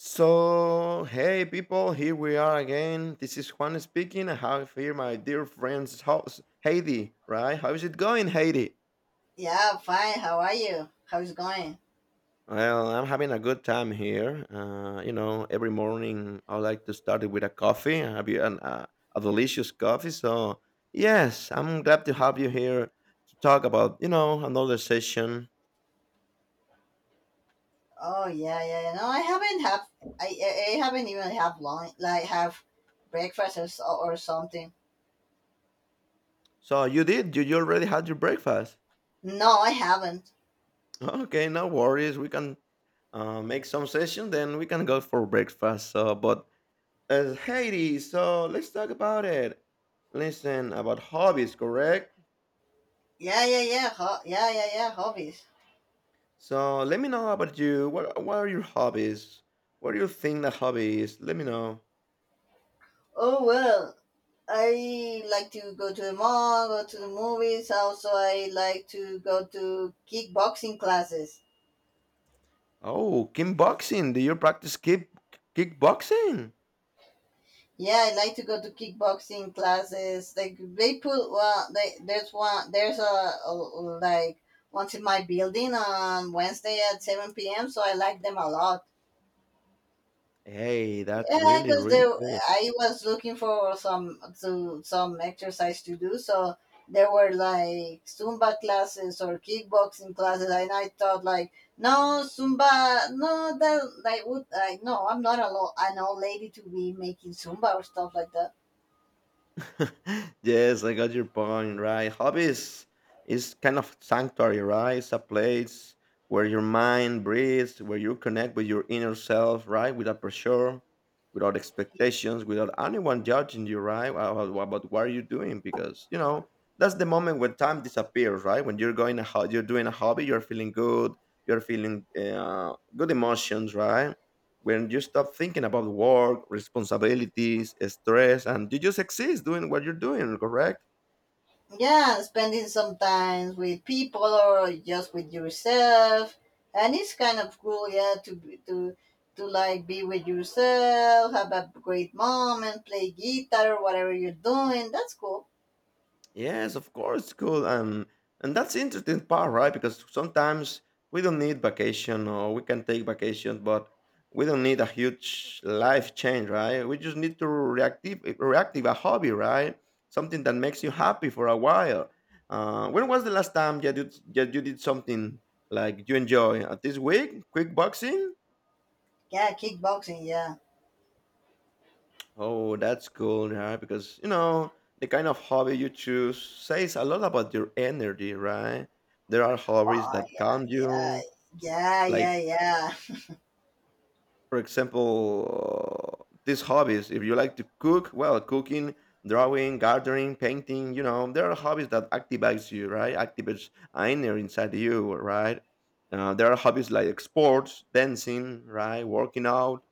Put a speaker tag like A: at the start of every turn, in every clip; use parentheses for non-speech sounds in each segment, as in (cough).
A: So, hey people, here we are again. This is Juan speaking. I have here my dear friend's house, Heidi, right? How is it going, Heidi?
B: Yeah, fine. How are you? How's it going?
A: Well, I'm having a good time here. You know, every morning I like to start it with a coffee. I have a delicious coffee. So, yes, I'm glad to have you here to talk about, you know, another session.
B: Oh yeah, yeah, yeah. No, I haven't even have lunch like have breakfast or something.
A: So, you already had your breakfast.
B: No, I haven't.
A: Okay, no worries. We can make some session, then we can go for breakfast. So, but as Haiti, so let's talk about it. Listen about hobbies, correct?
B: Yeah, yeah, yeah. Hobbies.
A: So let me know about you. What are your hobbies? What do you think the hobby is? Let me know.
B: Oh well, I like to go to the mall, go to the movies. Also, I like to go to kickboxing classes.
A: Oh, kickboxing. Do you practice kickboxing?
B: Yeah, I like to go to kickboxing classes. Like they put well, they, there's a like once in my building on Wednesday at seven p.m. So I like them a lot.
A: Hey, that's
B: Yeah,
A: really
B: because they
A: really cool.
B: I was looking for some to some exercise to do. So there were like Zumba classes or kickboxing classes, and I thought like no Zumba, no that like would like no I'm not an old lady to be making Zumba or stuff like that.
A: (laughs) Yes, I got your point, right? Hobbies is kind of sanctuary, right? It's a place where your mind breathes, where you connect with your inner self, right? Without pressure, without expectations, without anyone judging you, right? About what are you doing? Because, you know, that's the moment when time disappears, right? When you're going, you're doing a hobby, you're feeling good emotions, right? When you stop thinking about work, responsibilities, stress, and you just exist doing what you're doing, correct?
B: Yeah, spending some time with people or just with yourself, and it's kind of cool, yeah, to like be with yourself, have a great moment, play guitar, whatever you're doing. That's cool.
A: Yes, of course, it's cool. And that's the interesting part, right? Because sometimes we don't need vacation or we can take vacation, but we don't need a huge life change, right? We just need to reactive a hobby, right? Something that makes you happy for a while. When was the last time that you did something like you enjoy? This week, quick boxing.
B: Yeah, kickboxing. Yeah.
A: Oh, that's cool, yeah, because you know, the kind of hobby you choose says a lot about your energy, right? There are hobbies
B: Oh
A: that calm
B: yeah,
A: you,
B: yeah, yeah,
A: like
B: yeah, yeah.
A: for example, these hobbies, if you like to cook, well, cooking, drawing, gardening, painting, you know, there are hobbies that activates you, right? Activates energy inside you, right? There are hobbies like sports, dancing, right? Working out,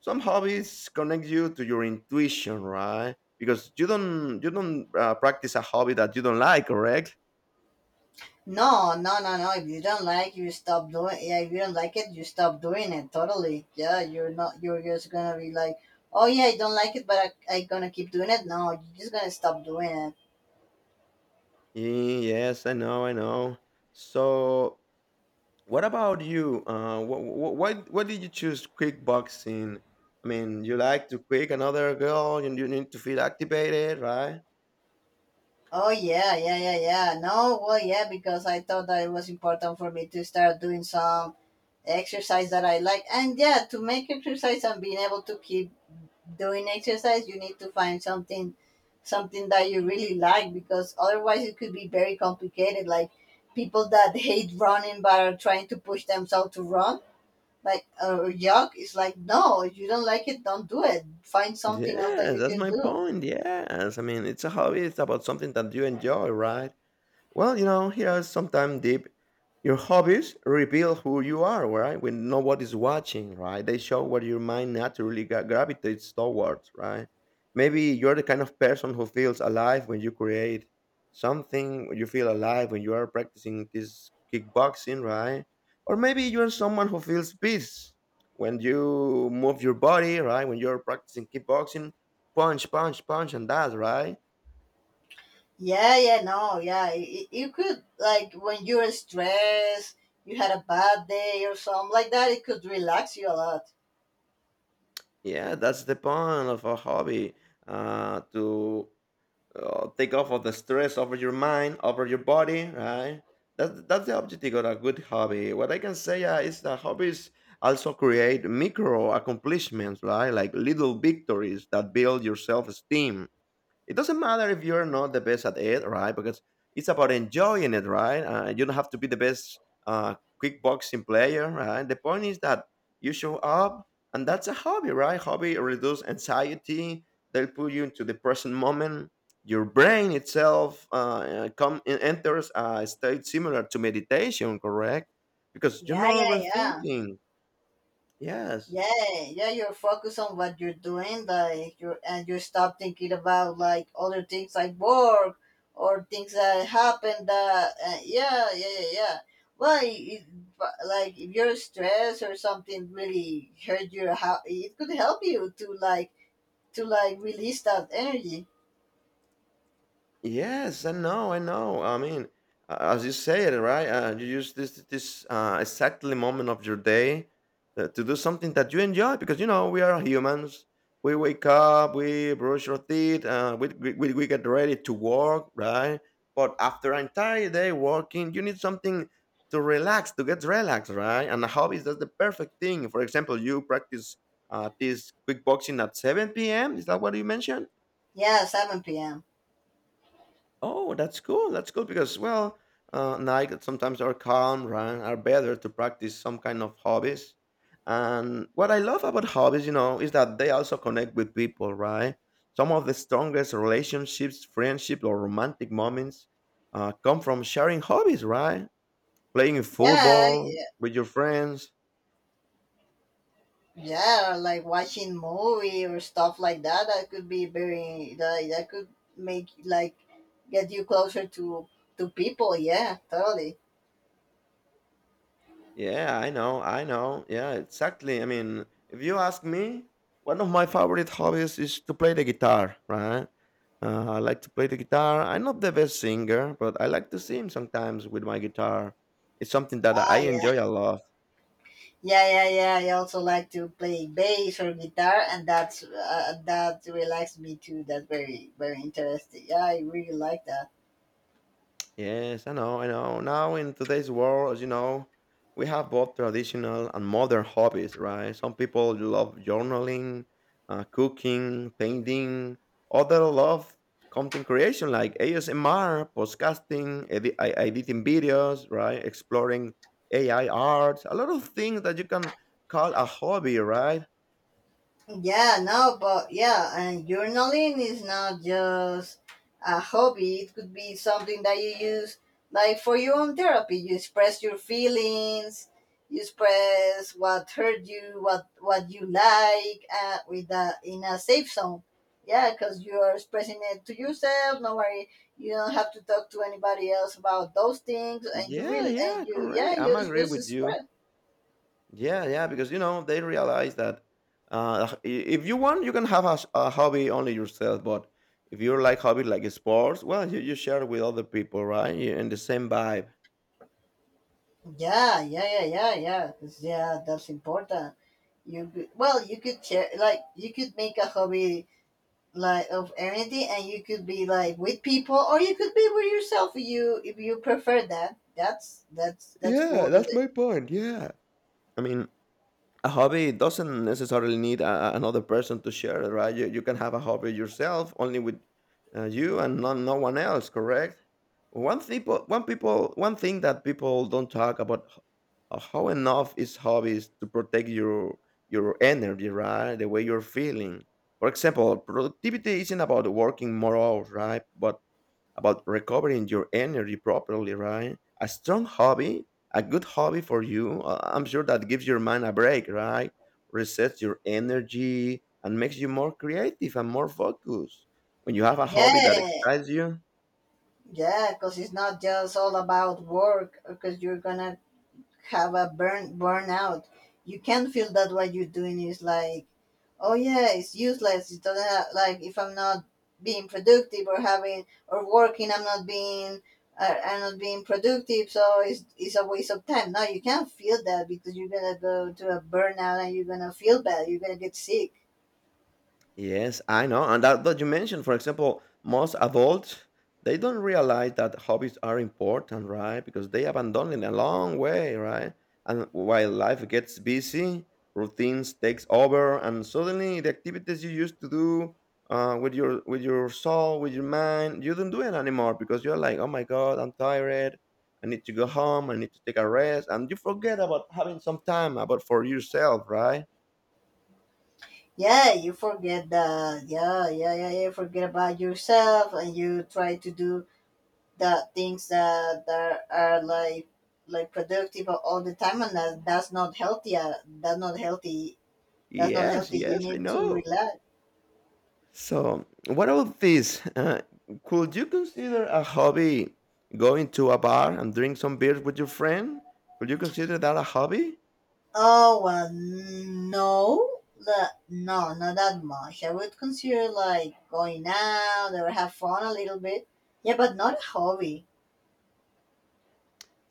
A: some hobbies connect you to your intuition, right? Because you don't practice a hobby that you don't like, correct?
B: No, no, no, no. If you don't like, you stop doing. Yeah, if you don't like it, you stop doing it. Totally. Yeah, you're not. You're just gonna be like, oh yeah, I don't like it, but I gonna keep doing it. No, you're just gonna stop doing it.
A: Yes, I know. So what about you? Why did you choose kickboxing? I mean, you like to kick another girl and you need to feel activated, right?
B: Oh yeah, yeah, yeah, yeah. No, well, yeah, because I thought that it was important for me to start doing some exercise that I like. And yeah, to make exercise and being able to keep doing exercise, you need to find something that you really like because otherwise it could be very complicated. Like people that hate running but are trying to push themselves to run, like jog it's like no, if you don't like it, don't do it. Find something else that
A: Yeah,
B: you
A: that's
B: could
A: my
B: do.
A: point. Yes, I mean, it's a hobby. It's about something that you enjoy, right? Well, you know, here's sometime deep. Your hobbies reveal who you are, right? When nobody's watching, right? They show what your mind naturally gravitates towards, right? Maybe you're the kind of person who feels alive when you create something. You feel alive when you are practicing this kickboxing, right? Or maybe you're someone who feels peace when you move your body, right? When you're practicing kickboxing, punch, punch, punch, and that, right?
B: Yeah, yeah, no, yeah. You could like when you're stressed, you had a bad day or something like that. It could relax you a lot.
A: Yeah, that's the point of a hobby, to take off of the stress over your mind, over your body, right? That's the objective of a good hobby. What I can say is that hobbies also create micro accomplishments, right? Like little victories that build your self esteem, it doesn't matter if you're not the best at it, right? Because it's about enjoying it, right? You don't have to be the best uh, kickboxing player, right? The point is that you show up, and that's a hobby, right? Hobby reduce anxiety. They'll put you into the present moment. Your brain itself enters a state similar to meditation, correct? Because you're
B: Yeah,
A: not
B: yeah, yeah,
A: overthinking. Yes.
B: yeah, yeah. You're focused on what you're doing, like you and you stop thinking about like other things like work or things that happen. That yeah, yeah, yeah, yeah. Well, it, but, like if you're stressed or something really hurt your how it could help you to to like release that energy.
A: Yes, I know, I know. I mean, as you say it, right? You use this exactly moment of your day to do something that you enjoy because you know we are humans. We wake up, we brush our teeth, we get ready to work, right? But after an entire day working, you need something to relax, to get relaxed, right? And a hobby is that's the perfect thing. For example, you practice this quick boxing at 7 p.m. Is that what you mentioned?
B: Yeah, seven p.m.
A: Oh, that's cool. That's cool because, well, night sometimes our calm, run are better to practice some kind of hobbies. And what I love about hobbies, you know, is that they also connect with people, right? Some of the strongest relationships, friendship, or romantic moments come from sharing hobbies, right? Playing
B: Yeah,
A: football
B: yeah,
A: with your friends.
B: yeah, like watching movie or stuff like that. That could be very that could make like get you closer to people. Yeah, totally.
A: Yeah, I know, I know. Yeah, exactly. I mean, if you ask me, one of my favorite hobbies is to play the guitar, right? I like to play the guitar. I'm not the best singer, but I like to sing sometimes with my guitar. It's something that I
B: Ah, yeah,
A: enjoy a lot.
B: yeah, yeah, yeah. I also like to play bass or guitar, and that's that relaxes me too. That's very very interesting. Yeah, I really like that.
A: Yes, I know, I know. Now in today's world, as you know, we have both traditional and modern hobbies, right? Some people love journaling, cooking, painting. Others love content creation like ASMR, podcasting, editing videos, right? Exploring AI art, a lot of things that you can call a hobby, right?
B: Yeah, no, but yeah, and journaling is not just a hobby. It could be something that you use, like for your own therapy. You express your feelings, you express what hurt you, what you like, with a, in a safe zone. Yeah, because you are expressing it to yourself. No worry, you don't have to talk to anybody else about those things, and you
A: Yeah,
B: really and
A: yeah,
B: you yeah,
A: correct. I'm
B: you
A: agree
B: just
A: with you.
B: express.
A: Yeah, yeah, because you know they realize that if you want, you can have a hobby only yourself. But if you like hobby like sports, well, you share with other people, right? You're in the same vibe.
B: Yeah, yeah, yeah, yeah, yeah. 'Cause, yeah, that's important. You could, well, you could share like you could make a hobby like of anything, and you could be like with people, or you could be with yourself. If you prefer that, that's
A: Yeah,
B: cool. That
A: that's
B: it,
A: my point. Yeah, I mean, a hobby doesn't necessarily need another person to share it, right? You can have a hobby yourself, only with you and not, no one else, correct? One thing that people don't talk about, how enough is hobbies to protect your energy, right? The way you're feeling. For example, productivity isn't about working more hours, right? But about recovering your energy properly, right? A strong hobby, a good hobby for you, I'm sure that gives your mind a break, right? Resets your energy and makes you more creative and more focused. When you have a hobby that
B: yeah,
A: excites you,
B: yeah, because it's not just all about work. Because you're gonna have a burnout. You can feel that what you're doing is like, oh yeah, it's useless. It doesn't have, like if I'm not being productive or having or working, I'm not being productive. So it's a waste of time. No, you can't feel that because you're gonna go to a burnout and you're gonna feel bad. You're gonna get sick.
A: yes, I know. And that you mentioned, for example, most adults, they don't realize that hobbies are important, right? Because they abandon it a long way, right? And while life gets busy, routines takes over, and suddenly the activities you used to do with your soul, with your mind, you don't do it anymore because you're like, oh my god, I'm tired. I need to go home. I need to take a rest, and you forget about having some time about for yourself, right?
B: Yeah, you forget that. Yeah, yeah, yeah, yeah. Forget about yourself and you try to do the things that are like productive all the time and that's not healthy that's not healthy that's not
A: Yes,
B: healthy you
A: yes, I
B: need to
A: know.
B: relax.
A: So, what about this? Could you consider a hobby going to a bar and drink some beers with your friend? Could you consider that a hobby?
B: Oh well no no not that much. I would consider like going out or have fun a little bit, yeah, but not a hobby.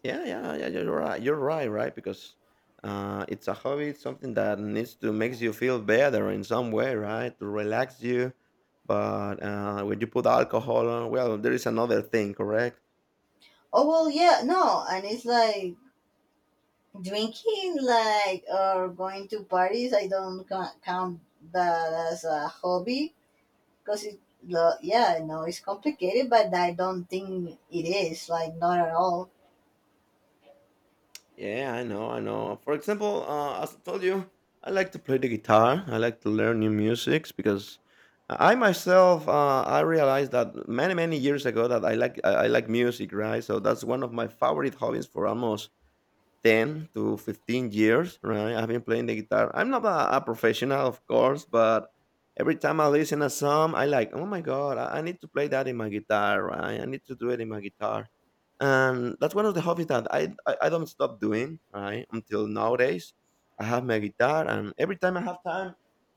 A: Yeah, yeah, yeah. You're right. You're right, right? Because it's a hobby. It's something that needs to makes you feel better in some way, right? To relax you. But when you put alcohol on, well, there is another thing, correct?
B: Oh well yeah no, and it's like drinking like or going to parties. I don't count that as a hobby. Because it, yeah, no, it's complicated, but I don't think it is. Like, not at all.
A: Yeah, I know, I know. For example, as I told you, I like to play the guitar. I like to learn new musics because I myself, I realized that many, many years ago that I like I like music, right? So that's one of my favorite hobbies for almost 10 to 15 years, right? I've been playing the guitar. I'm not a professional, of course, but every time I listen a song, I like, oh my God, I need to play that in my guitar, right? I need to do it in my guitar. And that's one of the hobbies that I don't stop doing, right? Until nowadays, I have my guitar, and every time I have time,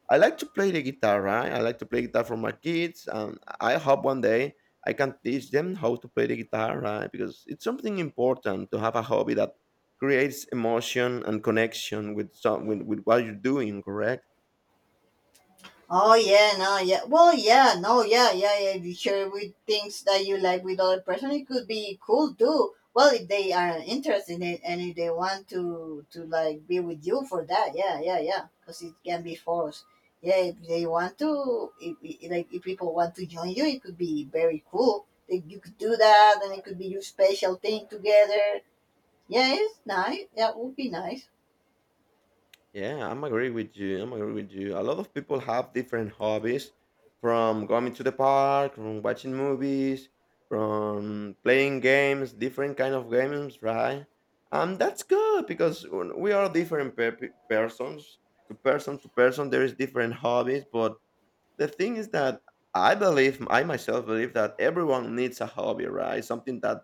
A: I like to play the guitar, right? I like to play guitar for my kids, and I hope one day I can teach them how to play the guitar, right? Because it's something important to have a hobby that creates emotion and connection with some with what you're doing, correct?
B: Oh, yeah, no, yeah. Well, yeah, no, yeah, yeah, yeah. If you share with things that you like with other person, it could be cool too. Well, if they are interested in it and if they want to like, be with you for that, yeah, yeah, yeah. Because it can be forced. Yeah, if they want to, like, if people want to join you, it could be very cool. Like, you could do that, and it could be your special thing together. Yeah, it's nice. That would be nice.
A: Yeah, I'm agree with you. A lot of people have different hobbies, from going to the park, from watching movies, from playing games, different kind of games, right? And that's good because we are different persons, to person there is different hobbies, but the thing is that I believe, I myself believe that everyone needs a hobby, right? Something that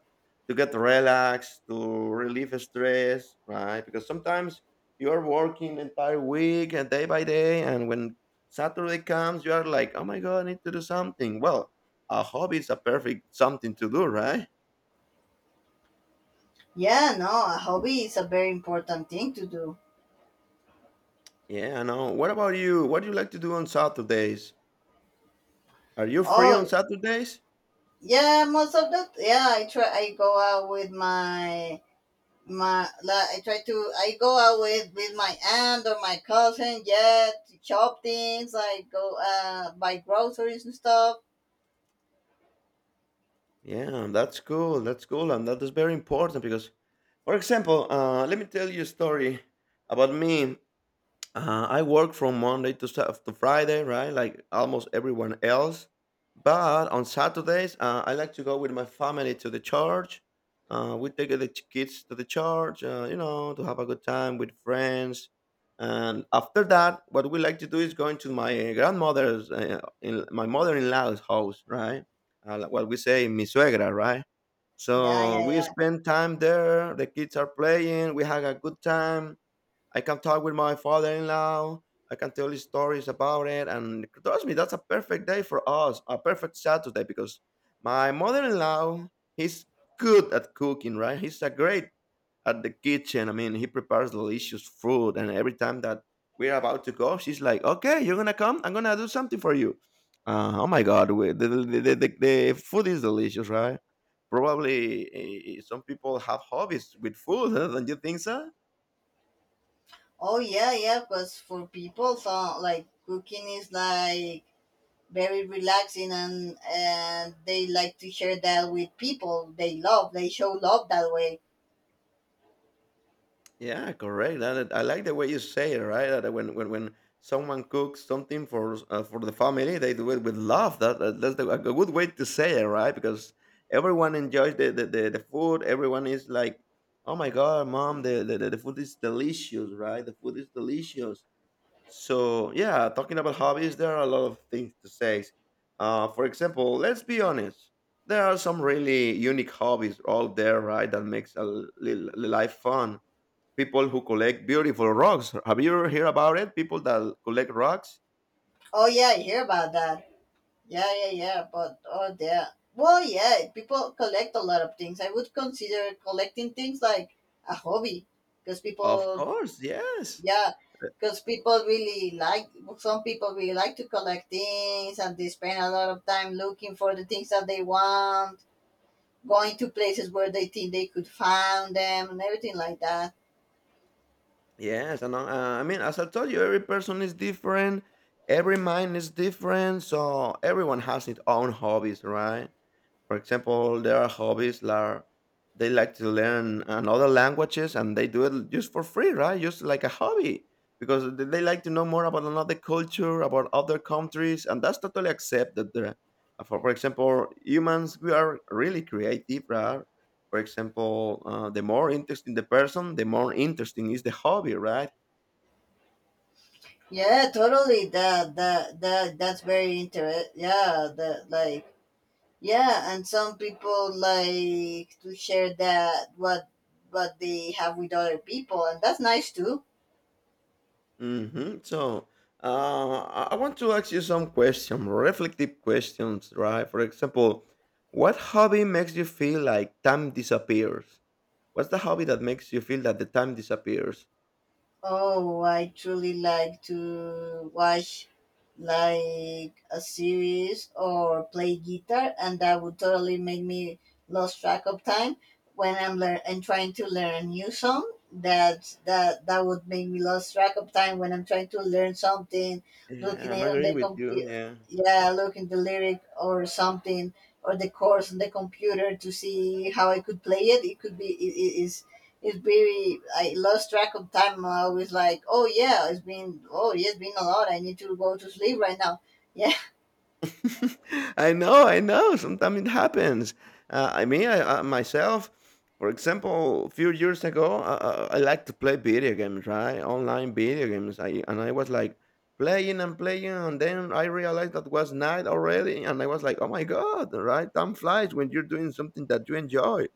A: to get relaxed, to relieve stress, right? Because sometimes you are working entire week and day by day, and when Saturday comes, you are like, oh my god, I need to do something. Well, a hobby is a perfect something to do, right?
B: Yeah, no, a hobby is a very important thing to do.
A: Yeah, I know. What about you? What do you like to do on Saturdays? Are you free on
B: Oh,
A: Saturdays?
B: yeah, most of the yeah, I try. I go out with I try to. I go out with my aunt or my cousin. Yeah, to chop things. I go buy groceries and stuff.
A: Yeah, that's cool. That's cool, and that is very important because. For example, let me tell you a story about me. I work from Monday to, Friday, right? Like almost everyone else. But on Saturdays, I like to go with my family to the church. We take the kids to the church, to have a good time with friends. And after that, what we like to do is going to my grandmother's, in my mother-in-law's house, right? Like what we say, mi suegra, right?
B: Yeah,
A: So
B: yeah,
A: we
B: yeah.
A: spend time there. The kids are playing. We have a good time. I can talk with my father-in-law. I can tell you stories about it, and trust me, that's a perfect day for us, a perfect Saturday because my mother-in-law he's good at cooking, right? He's a great at the kitchen. I mean, he prepares delicious food, and every time that we're about to go, she's like, "Okay, you're gonna come. I'm gonna do something for you." Oh my God, the food is delicious, right? Probably some people have hobbies with food. (laughs) huh? Don't you think so?
B: Oh yeah, yeah. Because for people, so like cooking is like very relaxing and they like to share that with people they love, they show love that way.
A: Yeah, correct. I like the way you say it, right? That when someone cooks something for the family, they do it with love. That's the, a good way to say it, right? Because everyone enjoys the food. Everyone is like, "Oh my god, mom, the food is delicious, right? The food is delicious." So yeah, talking about hobbies, there are a lot of things to say. For example, let's be honest. There are some really unique hobbies out there, right? That makes a life fun. People who collect beautiful rocks. Have you heard about it? People that collect rocks?
B: Oh yeah, I hear about that. Yeah, yeah, yeah, but oh yeah, well yeah, people collect a lot of things. I would consider collecting things like a hobby because
A: Of
B: people,
A: course, yes.
B: yeah, because people really like, some people really like to collect things and they spend a lot of time looking for the things that they want, going to places where they think they could find them and everything like that.
A: Yes, and I mean, as I told you, every person is different, every mind is different, so everyone has its own hobbies, right? For example, there are hobbies that they like to learn another languages and they do it just for free, right? Just like a hobby because they like to know more about another culture, about other countries, and that's totally accepted there. For for example, humans, we are really creative, right? For example, the more interesting the person, the more interesting is the hobby, right?
B: Yeah, totally. That's very interesting. Yeah, that like yeah, and some people like to share that what they have with other people, and that's nice too.
A: Mhm. So, I want to ask you some questions, reflective questions, right? For example, what hobby makes you feel like time disappears? What's the hobby that makes you feel that the time disappears?
B: Oh, I truly like to watch like a series or play guitar, and that would totally make me lose track of time when I'm lear- and trying to learn a new song. That would make me lose track of time when I'm trying to learn something,
A: Yeah,
B: looking at
A: I'm
B: it on
A: agree
B: the
A: with you.
B: computer,
A: Yeah.
B: yeah, looking the lyric or something or the chords on the computer to see how I could play it. It could be it, it is It's very I lost track of time. I was like, oh yeah, it's been oh yeah, it's been a lot. I need to go to sleep right now. Yeah,
A: (laughs) I know, I know. Sometimes it happens. I mean, I myself, for example, a few years ago, I like to play video games, right? Online video games. And I was like playing and playing, and then I realized that was night already, and I was like, oh my god, right? Time flies when you're doing something that you enjoy.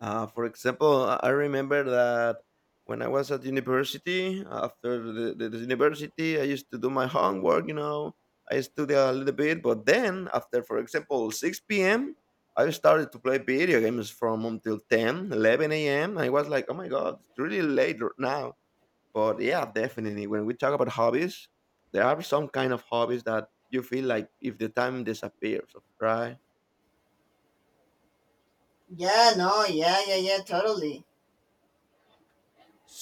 A: For example, I remember that when I was at university, after the university, I used to do my homework, I study a little bit, but then after, for example, 6 p.m., I started to play video games from until ten, eleven 11 a.m. I was like, oh my God, it's really late now. But yeah, definitely. When we talk about hobbies, there are some kind of hobbies that you feel like if the time disappears, right?
B: (laughs) yeah, no, yeah, yeah, yeah, totally.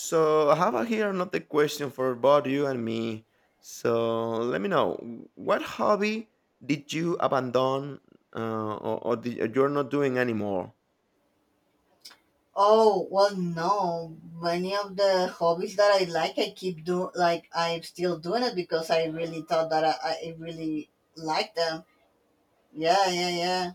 A: So I have here another question for both you and me. So let me know what hobby did you abandon or you're not doing anymore?
B: Oh well, no. Many of the hobbies that I like, I keep doing. Like I'm still doing it because I really thought that I really liked them. Yeah, yeah, yeah.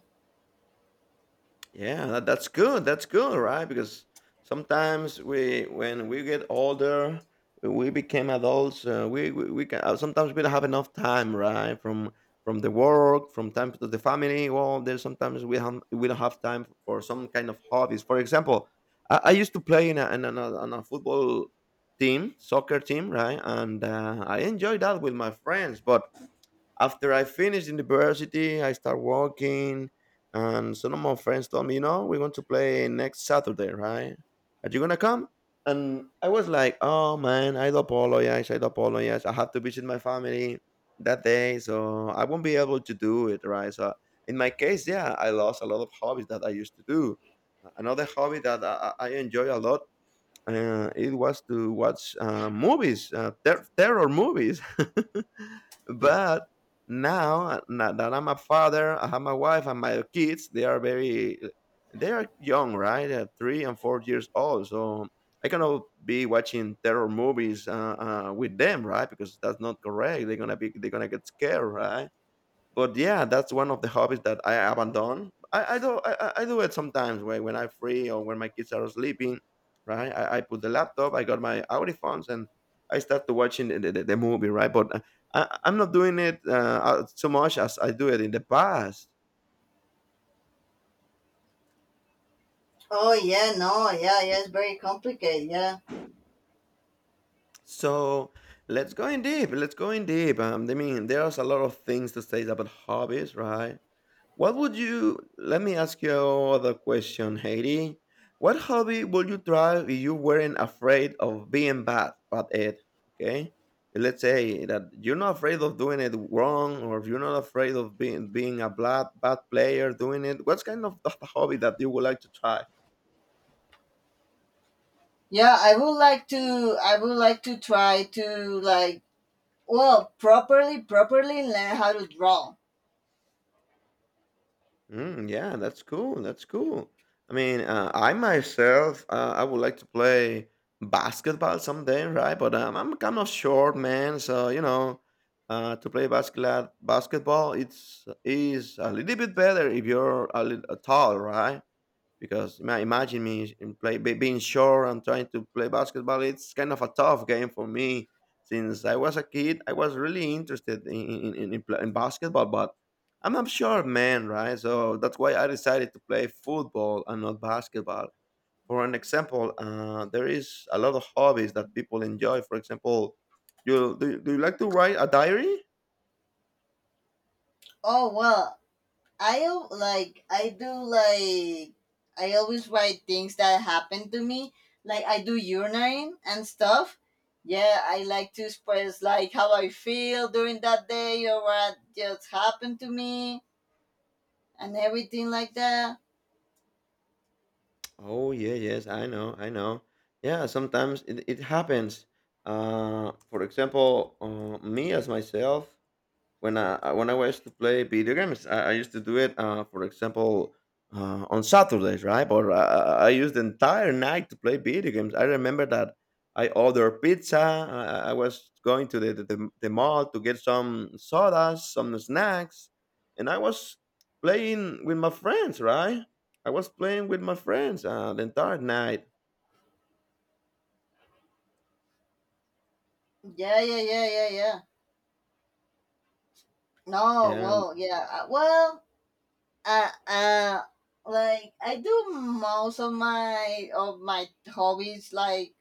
A: Yeah, that's good. That's good, right? Because sometimes when we get older, we became adults. We can, sometimes we don't have enough time, right? From the work, from time to the family. Well, there's sometimes we don't have time for some kind of hobbies. For example, I used to play in on a football team, soccer team, right? And I enjoyed that with my friends, but after I finished university, I start working. And some of my friends told me, we want to play next Saturday, right? Are you gonna come? And I was like, oh man, I do apologize, I do apologize. I have to visit my family that day, so I won't be able to do it, right? So in my case, yeah, I lost a lot of hobbies that I used to do. Another hobby that I enjoy a lot it was to watch movies, terror movies. (laughs) but now, now that I'm a father, I have my wife and my kids. They are very, they are young, right? They are 3 and 4 years old. So I cannot be watching terror movies with them, right? Because that's not correct. They're gonna get scared, right? But yeah, that's one of the hobbies that I abandon. I do it sometimes when I'm free or when my kids are sleeping, right? I put the laptop, I got my audiphones, and I start to watching the movie, right? But I'm not doing it so much as I do it in the past.
B: Oh yeah, no, yeah, yeah. It's very complicated. Yeah,
A: So let's go in deep. Let's go in deep. I mean, there's a lot of things to say about hobbies, right? What would you let me ask you another question, Heidi. What hobby would you try if you weren't afraid of being bad at it? Okay? Let's say that you're not afraid of doing it wrong, or if you're not afraid of being a bad player doing it. What kind of (laughs) hobby that you would like to try?
B: yeah. I would like to try to like well properly learn how to draw.
A: Mm, yeah, that's cool. That's cool. I mean, I myself, I would like to play basketball someday, right? But I'm kind of short, man. So you know, to play basketball, it's is a little bit better if you're a little tall, right? Because imagine me in being short and trying to play basketball. It's kind of a tough game for me since I was a kid. I was really interested in in basketball, but I'm not sure, man. Right, so that's why I decided to play football and not basketball. For an example, there is a lot of hobbies that people enjoy. For example, do you like to write a diary?
B: Oh well, I do like, I always write things that happen to me, like I do urinating and stuff. Yeah, I like to express like how I feel during that day or what just happened to me and everything like that.
A: Oh yeah, yes, I know, I know. Yeah, sometimes it happens. For example, me as myself, when I was to play video games, I used to do it. For example, on Saturdays, right? But I used the entire night to play video games. I remember that I ordered pizza. I was going to the mall to get some sodas, some snacks, and I was playing with my friends. Right? I was playing with my friends the entire night.
B: Yeah, yeah, yeah, yeah, yeah. No,
A: Yeah.
B: well, yeah, uh uh like I do most of my hobbies like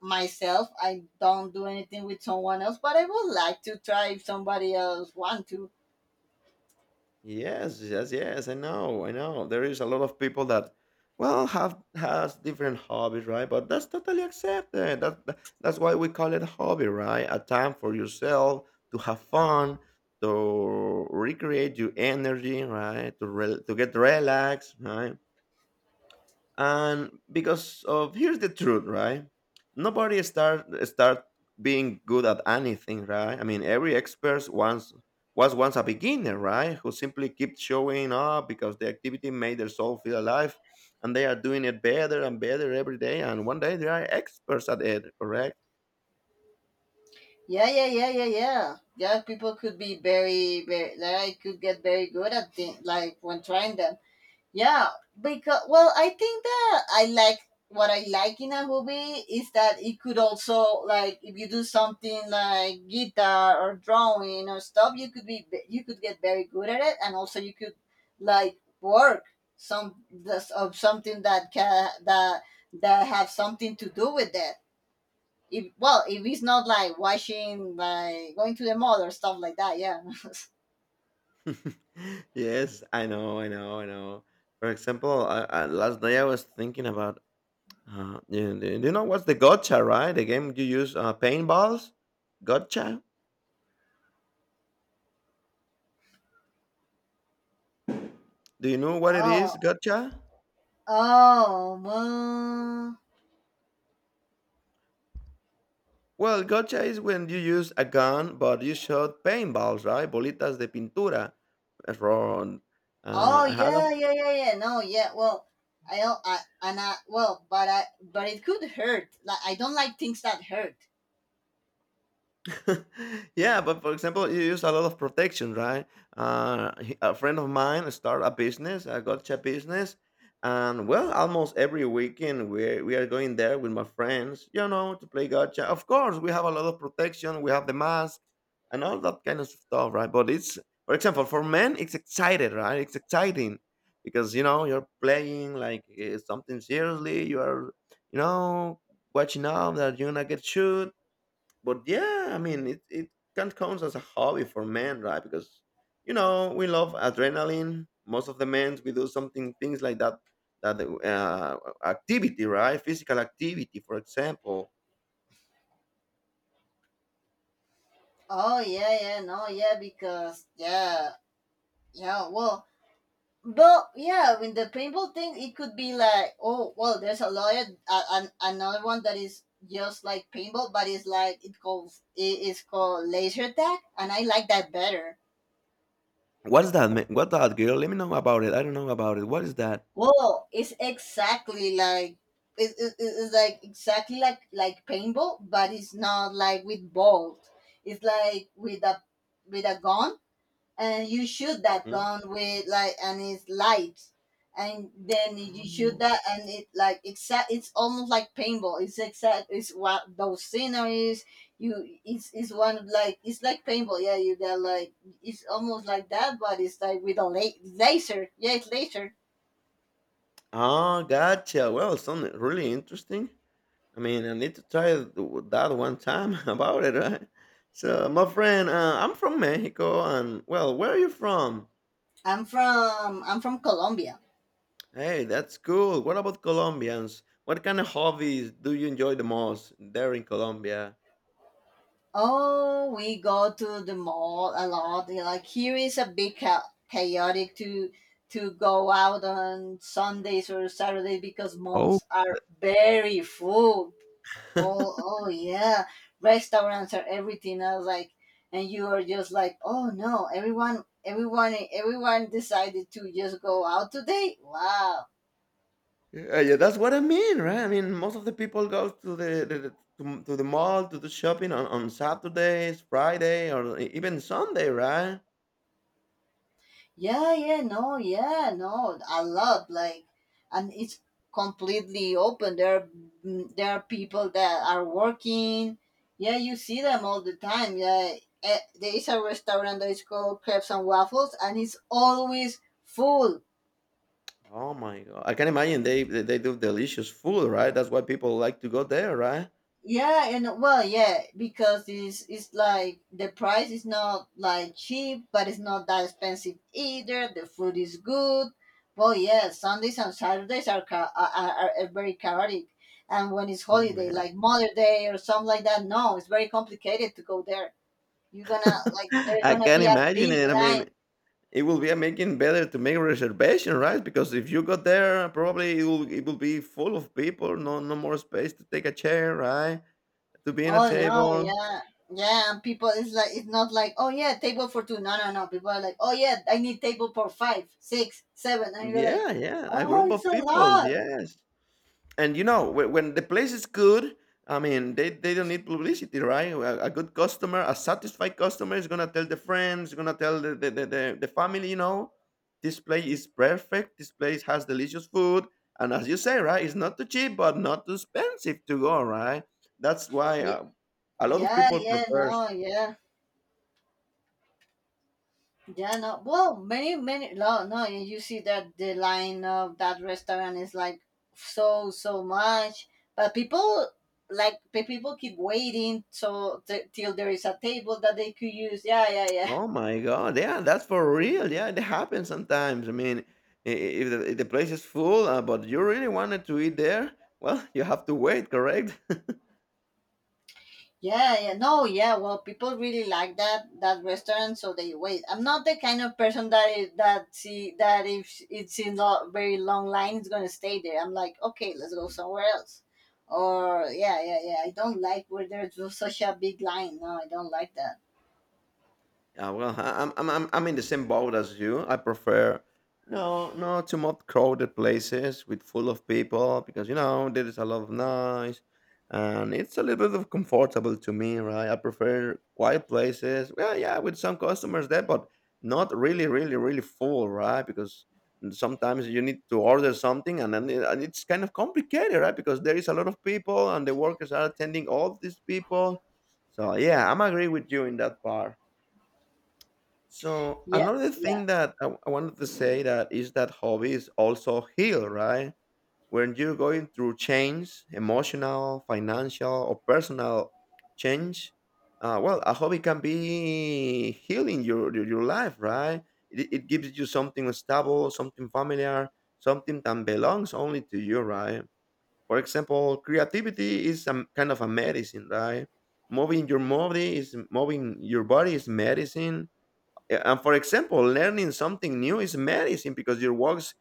B: myself. I don't do anything with someone else, but I would like to try if somebody else want to.
A: Yes, yes, yes. I know, I know. There is a lot of people that, well, have has different hobbies, right? But that's totally accepted. That's why we call it hobby, right? A time for yourself to have fun, to recreate your energy, right? To get relaxed, right? And because of here's the truth, right? Nobody start being good at anything, right? I mean, every expert once was once a beginner, right? Who simply kept showing up because the activity made their soul feel alive, and they are doing it better and better every day, and one day they are experts at it, correct?
B: Yeah, yeah, yeah, yeah, yeah, yeah, people could be very like, I could get very good at things like when trying them. Yeah, because well, I think that I like what I like in a hobby is that it could also like if you do something like guitar or drawing or stuff, you could be you could get very good at it, and also you could like work of something that can that that have something to do with that. If well, if it's not like washing, like going to the mall or stuff like that, yeah.
A: (laughs) Yes, I know, I know, I know. For example, last day I was thinking about. Yeah, do you know what's the gotcha, right? The game you use paintballs? Gotcha? Do you know
B: (laughs)
A: what it is,
B: oh,
A: gotcha?
B: oh, man.
A: Well, gotcha is when you use a gun, but you shot paintballs, right? Bolitas de pintura. Ron.
B: Oh
A: I had
B: yeah,
A: a.
B: yeah, yeah, yeah. No, yeah. Well, I don't. I and I. Well, but I. But it could hurt. Like I don't like things that hurt.
A: (laughs) yeah, but for example, you use a lot of protection, right? A friend of mine start a business, a gotcha business, and well, almost every weekend we are going there with my friends, to play gotcha. Of course, we have a lot of protection. We have the mask and all that kind of stuff, right? But it's, for example, for men, it's excited, right? It's exciting because you know you're playing like something seriously. You are, you know, watching out that you're gonna get shot but yeah, I mean, it can count as a hobby for men, right? Because you know we love adrenaline. Most of the men we do something things like that that uh, activity, right? Physical activity, for example.
B: Oh yeah, yeah. No, yeah. Because yeah, yeah. Well, but yeah. When the paintball thing, it could be like oh well. There's a lot. Of, another one that is just like paintball, but it's like it calls it is called laser tag, and I like that better.
A: What's that, man? What that girl? Let me know about it. I don't know about it. What is that?
B: Well, it's exactly like it's like exactly like paintball, but it's not like with balls. It's like with a gun, and you shoot that
A: Mhm.
B: gun with, like, and it's lights, and then you shoot
A: Oh,
B: that, and it like exact. It's almost like paintball. It's exact. It's what those sceneries. You it's one of like it's like paintball. Yeah, you got like it's almost like that, but it's like with a laser. Yeah, it's laser.
A: oh, gotcha. Well, something really interesting. I mean, I need to that one time (laughs) about it, right? So, my friend, I'm from Mexico, and well, where are you from?
B: I'm from Colombia.
A: Hey, that's cool. What about Colombians? What kind of hobbies do you enjoy the most there in Colombia?
B: Oh, we go to the mall a lot. You know, like here is a bit chaotic to go out on Sundays or Saturdays because
A: Oh,
B: malls are very full.
A: (laughs)
B: Oh, oh yeah, restaurants are everything. I was like, and you are just like, oh no, everyone decided to just go out today. Wow.
A: yeah, yeah, that's what I mean, right? I mean, most of the people go to the to the mall to do shopping on Saturdays, Friday, or even Sunday, right?
B: Yeah, yeah, no, yeah, no. A lot, like, and it's completely open. There are people that are working. Yeah, you see them all the time. Yeah, there is a restaurant that is called Crepes and Waffles, and it's always full.
A: Oh my god, I can imagine they they do delicious food, right? That's why people like to go there, right?
B: Yeah, and well, yeah, because it's like the price is not like cheap, but it's not that expensive either. The food is good. Well, yeah, Sundays and Saturdays are ca- are very chaotic, and when it's
A: Oh
B: holiday,
A: man,
B: like Mother Day or something like that, no, it's very complicated to go there. You're gonna, like,
A: (laughs)
B: there's
A: I
B: gonna
A: can
B: be a
A: imagine
B: big
A: it. I
B: line.
A: mean, it will be making better to make a reservation, right? Because if you go there, probably it will be full of people. No, no more space to take a chair, right? To be in a
B: Oh no,
A: table.
B: yeah. Yeah, and people it's like it's not like, oh yeah, table for two. No, no, no. People are like, oh yeah, I need table for five, six, seven, and you're like,
A: Yeah, yeah, a
B: oh,
A: group of
B: it's a
A: people.
B: lot.
A: Yes. And you know when the place is good, I mean they don't need publicity, right? A good customer, a satisfied customer, is gonna tell the friends, gonna tell the family, you know, this place is perfect, this place has delicious food, and as you say, right, it's not too cheap but not too expensive to go, right? That's why
B: Yeah,
A: a lot of
B: yeah,
A: people
B: yeah.
A: prefer.
B: No, yeah, yeah. No, well, many, many. No, no. And you see that the line of that restaurant is like so, so much, but people like the people keep waiting so till there is a table that they could use. Yeah, yeah, yeah.
A: Oh my god! Yeah, that's for real. Yeah, it happens sometimes. I mean, if the place is full, but you really wanted to eat there, well, (laughs) you have to wait, correct?
B: Yeah, yeah, no, yeah. Well, people really like that restaurant, so they wait. I'm not the kind of person that see that if it's in a very long line, it's gonna stay there. I'm like, okay, let's go somewhere else. Or yeah, yeah, yeah. I don't like where there's such a big line. No, I don't like that.
A: Yeah, well, I'm I'm in the same boat as you. I prefer, no, no, to more crowded places with full of people because you know there is a lot of noise, and it's a little bit of comfortable to me, right? I prefer quiet places. Well, yeah, with some customers there, but not really, really, really full, right? Because sometimes you need to order something, and then it- and it's kind of complicated, right? Because there is a lot of people, and the workers are attending all these people. So yeah, I'm agree with you in that part. So
B: Yeah,
A: another
B: yeah,
A: thing that I wanted to say that is that hobbies also heal, right? When you're going through change, emotional, financial, or personal change, well, a hobby can be healing your life, right? It gives you something stable, something familiar, something that belongs only to you, right? For example, creativity is a kind of a medicine, right? Moving your body is moving your body is medicine, and for example learning something new is medicine because your works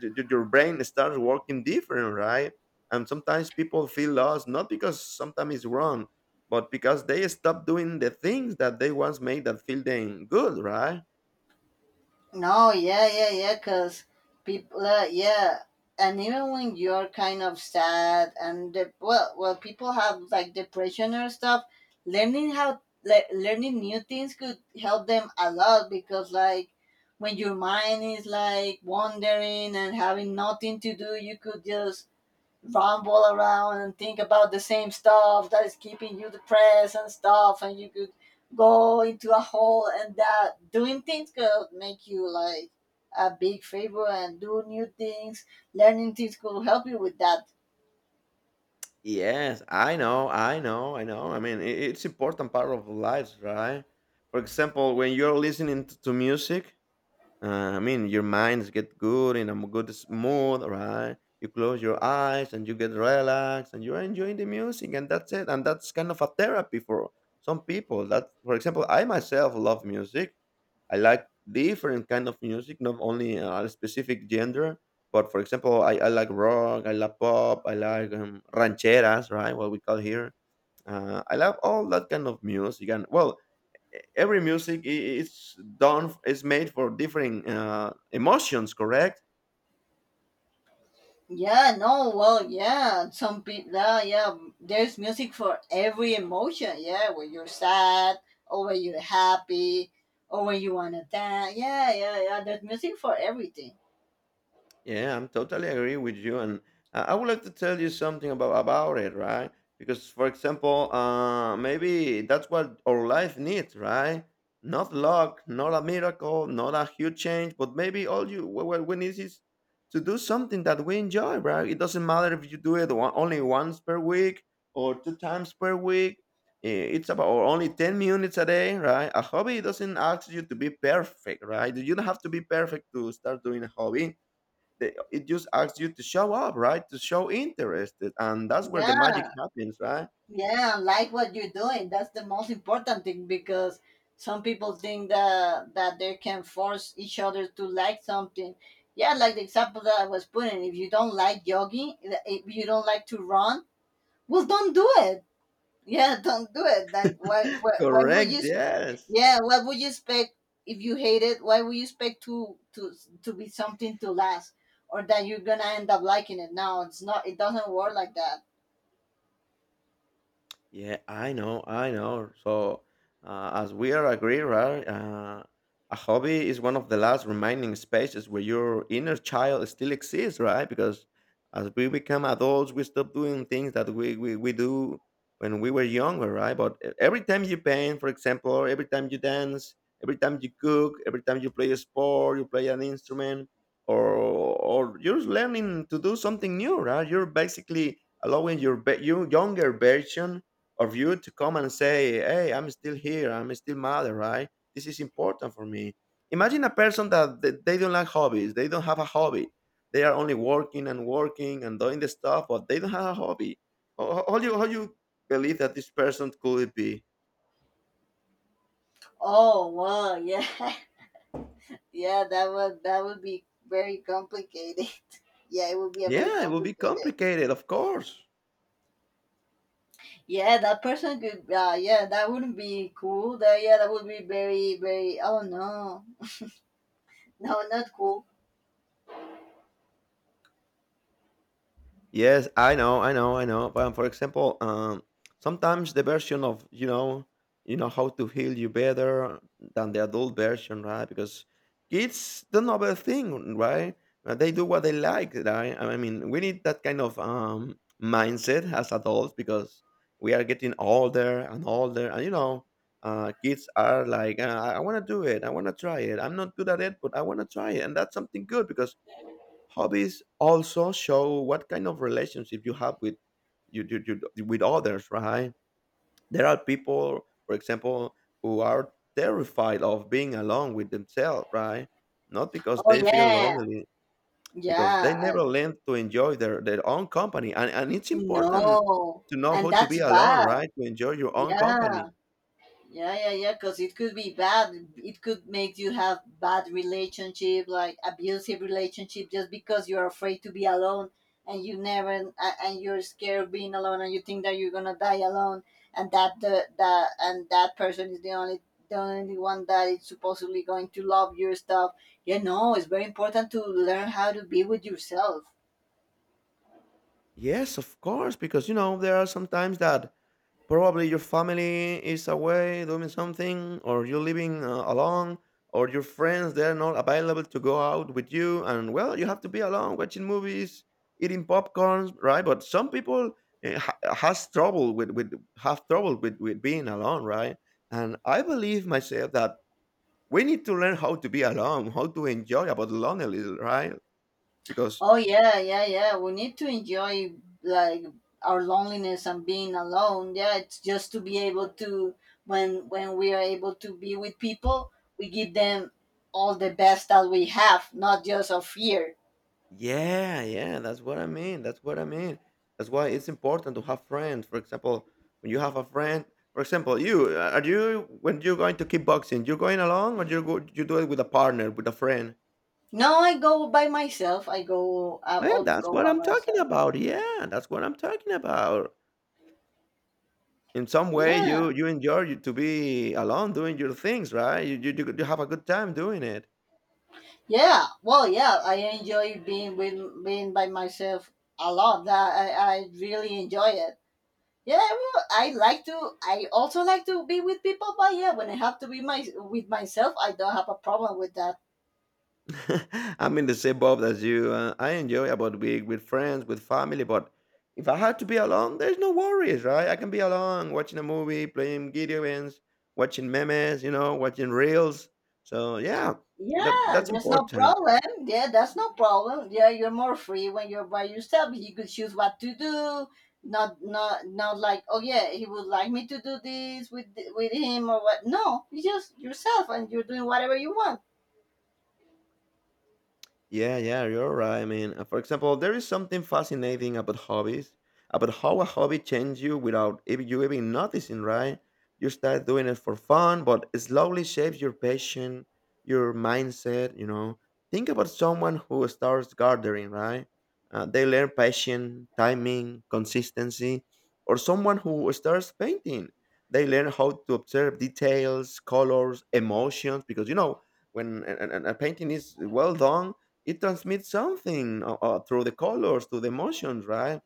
A: your brain starts working different, right? And sometimes people feel lost, not because sometimes it's wrong but because they stop doing the things that they once made that feel them good, right?
B: no, yeah, yeah, yeah, because people, yeah, and even when you're kind of sad and well, people have like depression or stuff. Learning new things could help them a lot because, like, when your mind is like wandering and having nothing to do, you could just ramble around and think about the same stuff that is keeping you depressed and stuff, and you could go into a hole, and that doing things could make you like a big favor and do new things. Learning things could help you with that.
A: Yes, I know, I know, I know. I mean, it's important part of lives, right? For example, when you're listening to music, I mean, your minds get good in a good mood, right? You close your eyes and you get relaxed and you're enjoying the music, and that's it. And that's kind of a therapy for some people. That, for example, I myself love music. I like different kind of music, not only a specific genre. But for example, I like rock, I like pop, I like rancheras, right? What we call here. I love all that kind of music, and well, every music is made for different emotions, correct?
B: Yeah, no, well, yeah, some people, yeah, yeah, there's music for every emotion. Yeah, when you're sad, or when you're happy, or when you want to dance, yeah, yeah, yeah, there's music for everything.
A: Yeah, I'm totally agree with you, and I would like to tell you something about it, right? Because, for example, maybe that's what our life needs, right? Not luck, not a miracle, not a huge change, but maybe what we need is to do something that we enjoy, right? It doesn't matter if you do it one, only once per week or two times per week. It's about or only 10 minutes a day, right? A hobby doesn't ask you to be perfect, right? You don't have to be perfect to start doing a hobby. It just asks you to show up, right? To show interest, and that's where the
B: Yeah,
A: magic happens, right?
B: yeah, like what you're doing. That's the most important thing because some people think that they can force each other to like something. Yeah, like the example that I was putting. If you don't like jogging, if you don't like to run, well, don't do it. Yeah, (laughs) don't do it. Like, why?
A: (laughs)
B: Why would you?
A: Correct. Yes.
B: Yeah, what would you expect if you hate it? Why would you expect to be something to last, or that you're gonna end up liking it? No, it's not. It doesn't work like that.
A: Yeah, I know, I know. So, as we are agree, right? A hobby is one of the last remaining spaces where your inner child still exists, right? Because as we become adults, we stop doing things that we do when we were younger, right? But every time you paint, for example, or every time you dance, every time you cook, every time you play a sport, you play an instrument, or you're learning to do something new, right? You're basically allowing your younger version of you to come and say, "Hey, I'm still here. I'm still mother, right? This is important for me." Imagine a person that they don't like hobbies. They don't have a hobby. They are only working and working and doing the stuff, but they don't have a hobby. How do you believe that this person could it be?
B: Oh, wow, yeah. (laughs) Yeah, that would be very complicated. (laughs) Yeah, it would be a very
A: Yeah, it will be
B: complicated.
A: complicated, of course.
B: Yeah, that person could. Yeah, that wouldn't be cool. That yeah, that would be very very. Oh no, no, not cool.
A: Yes, I know, I know, I know. But for example, sometimes the version of you know how to heal you better than the adult version, right? Because kids don't know about a thing, right? They do what they like, right? I mean, we need that kind of mindset as adults because we are getting older and older, and you know, kids are like, I want to do it, I want to try it. I'm not good at it, but I want to try it, and that's something good because hobbies also show what kind of relationship you have with you with others, right? There are people, for example, who are terrified of being alone with themselves, right? Not because
B: Oh
A: they feel
B: yeah,
A: lonely, because they
B: yeah,
A: never
B: and
A: learn to enjoy their own company. And it's important
B: no,
A: to know
B: and
A: how to be
B: that's
A: alone,
B: bad.
A: right? To enjoy your own
B: Yeah,
A: company.
B: yeah, yeah, yeah. Because it could be bad. It could make you have bad relationship, like abusive relationship, just because you're afraid to be alone and you never and you're scared of being alone, and you think that you're gonna die alone, and that person is the only one that is supposedly going to love your stuff. You know, it's very important to learn how to be with yourself.
A: Yes, of course, because you know, there are some times that probably your family is away doing something, or you're living alone, or your friends they're not available to go out with you, and well, you have to be alone watching movies, eating popcorns, right? But some people eh, ha- has trouble with have trouble with being alone, right? And I believe myself that we need to learn how to be alone, how to enjoy about loneliness, right? Because
B: Oh yeah, yeah, yeah. We need to enjoy like our loneliness and being alone. Yeah, it's just to be able to, when we are able to be with people, we give them all the best that we have, not just of here.
A: yeah, yeah, that's what I mean. That's what I mean. That's why it's important to have friends. For example, when you have a friend, for example, you are you when you're going to kickboxing, you're going along or you do it with a partner, with a friend.
B: No, I go by myself. I go. I
A: Well,
B: always
A: that's
B: go
A: what
B: by
A: I'm talking
B: myself.
A: about. Yeah, that's what I'm talking about. In some way,
B: Yeah,
A: you enjoy to be alone doing your things, right? You have a good time doing it.
B: yeah. Well, yeah. I enjoy being by myself a lot. That I really enjoy it. Yeah, well, I like to. I also like to be with people, but yeah, when I have to be my with myself, I don't have a problem with that.
A: (laughs) I'm in the same boat as you. I enjoy about being with friends, with family, but if I had to be alone, there's no worries, right? I can be alone, watching a movie, playing video games, watching memes, you know, watching reels. So yeah,
B: Yeah,
A: that's
B: there's no
A: important.
B: problem. Yeah, that's no problem. Yeah, you're more free when you're by yourself. You could choose what to do. Not like, oh yeah, he would like me to do this with him or what. No, you just yourself, and you're doing whatever you want.
A: Yeah, yeah, you're right. I mean, for example, there is something fascinating about hobbies, about how a hobby changes you without even noticing, right? You start doing it for fun, but it slowly shapes your passion, your mindset, you know. Think about someone who starts gardening, right? They learn passion, timing, consistency, or someone who starts painting. They learn how to observe details, colors, emotions, because you know, when a painting is well done, it transmits something through the colors, through the emotions, right?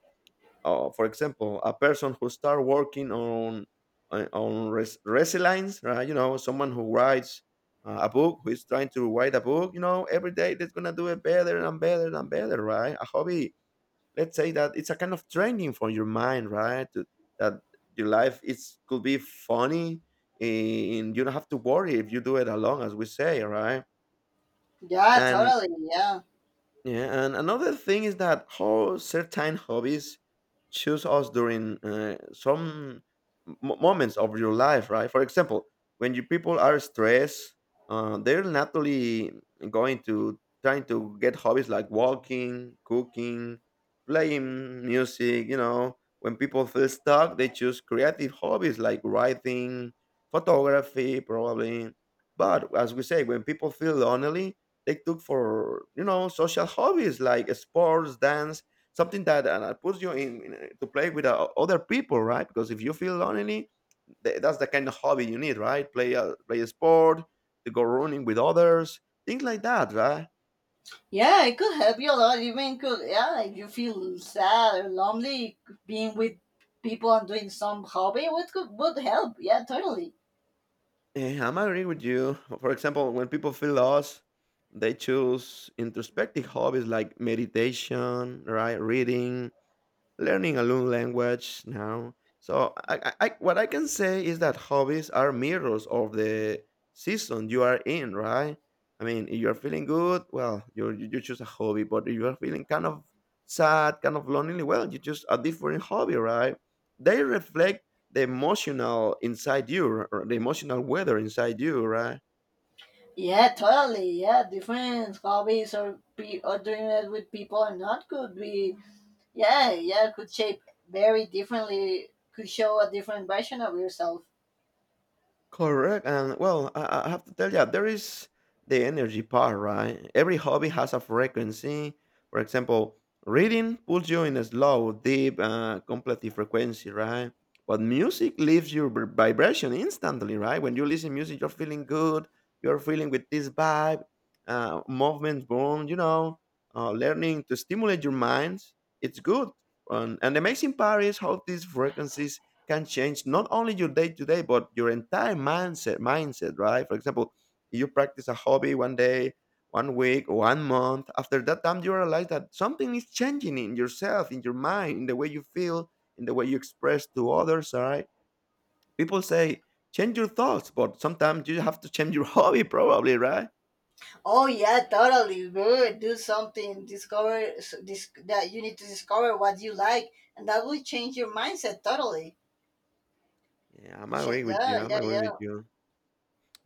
A: For example, a person who start working on resilience, right? You know, someone who writes a book, who is trying to write a book, you know, every day they're gonna do it better and better and better, right? A hobby, let's say that it's a kind of training for your mind, right? To, that Your life it's could be funny, and you don't have to worry if you do it alone, as we say, right?
B: Yeah,
A: And
B: totally. Yeah.
A: Yeah, and another thing is that how certain hobbies choose us during some moments of your life, right? For example, when you people are stressed, they're naturally going to trying to get hobbies like walking, cooking, playing music. When people feel stuck, they choose creative hobbies like writing, photography, probably. But as we say, when people feel lonely, they took for social hobbies like sports, dance, something that puts you in, to play with other people, right? Because if you feel lonely, that's the kind of hobby you need, right? Play a sport, to go running with others, things like that, right?
B: Yeah, it could help you a lot. Even could, yeah, if you feel sad or lonely, being with people and doing some hobby would help. Yeah, totally.
A: I'm agreeing with you. For example, when people feel lost, they choose introspective hobbies like meditation, right? Reading, learning a new language now. So what I can say is that hobbies are mirrors of the season you are in, right? I mean, if you're feeling good, well, you choose a hobby. But if you are feeling kind of sad, kind of lonely, well, you choose a different hobby, right? They reflect the emotional inside you, or the emotional weather inside you, right?
B: Yeah, totally. Yeah, different hobbies or doing it with people or not could be, yeah, yeah, could shape very differently. Could show a different version of yourself.
A: Correct, and well, I have to tell you, there is the energy part, right? Every hobby has a frequency. For example, reading pulls you in a slow, deep, contemplative frequency, right? But music leaves your vibration instantly, right? When you listen music, you're feeling good. You're feeling with this vibe, movement, boom, learning to stimulate your minds. It's good. And the amazing part is how these frequencies can change not only your day to day, but your entire mindset, right? For example, you practice a hobby one day, one week, one month. After that time, you realize that something is changing in yourself, in your mind, in the way you feel, in the way you express to others. All right. People say change your thoughts, but sometimes you have to change your (laughs) hobby, probably, right?
B: Oh yeah, totally. Good. Do something. Discover that you need to discover what you like, and that will change your mindset totally.
A: Yeah, I'm agree with you.
B: Yeah,
A: I'm
B: yeah,
A: agree
B: yeah.
A: with you.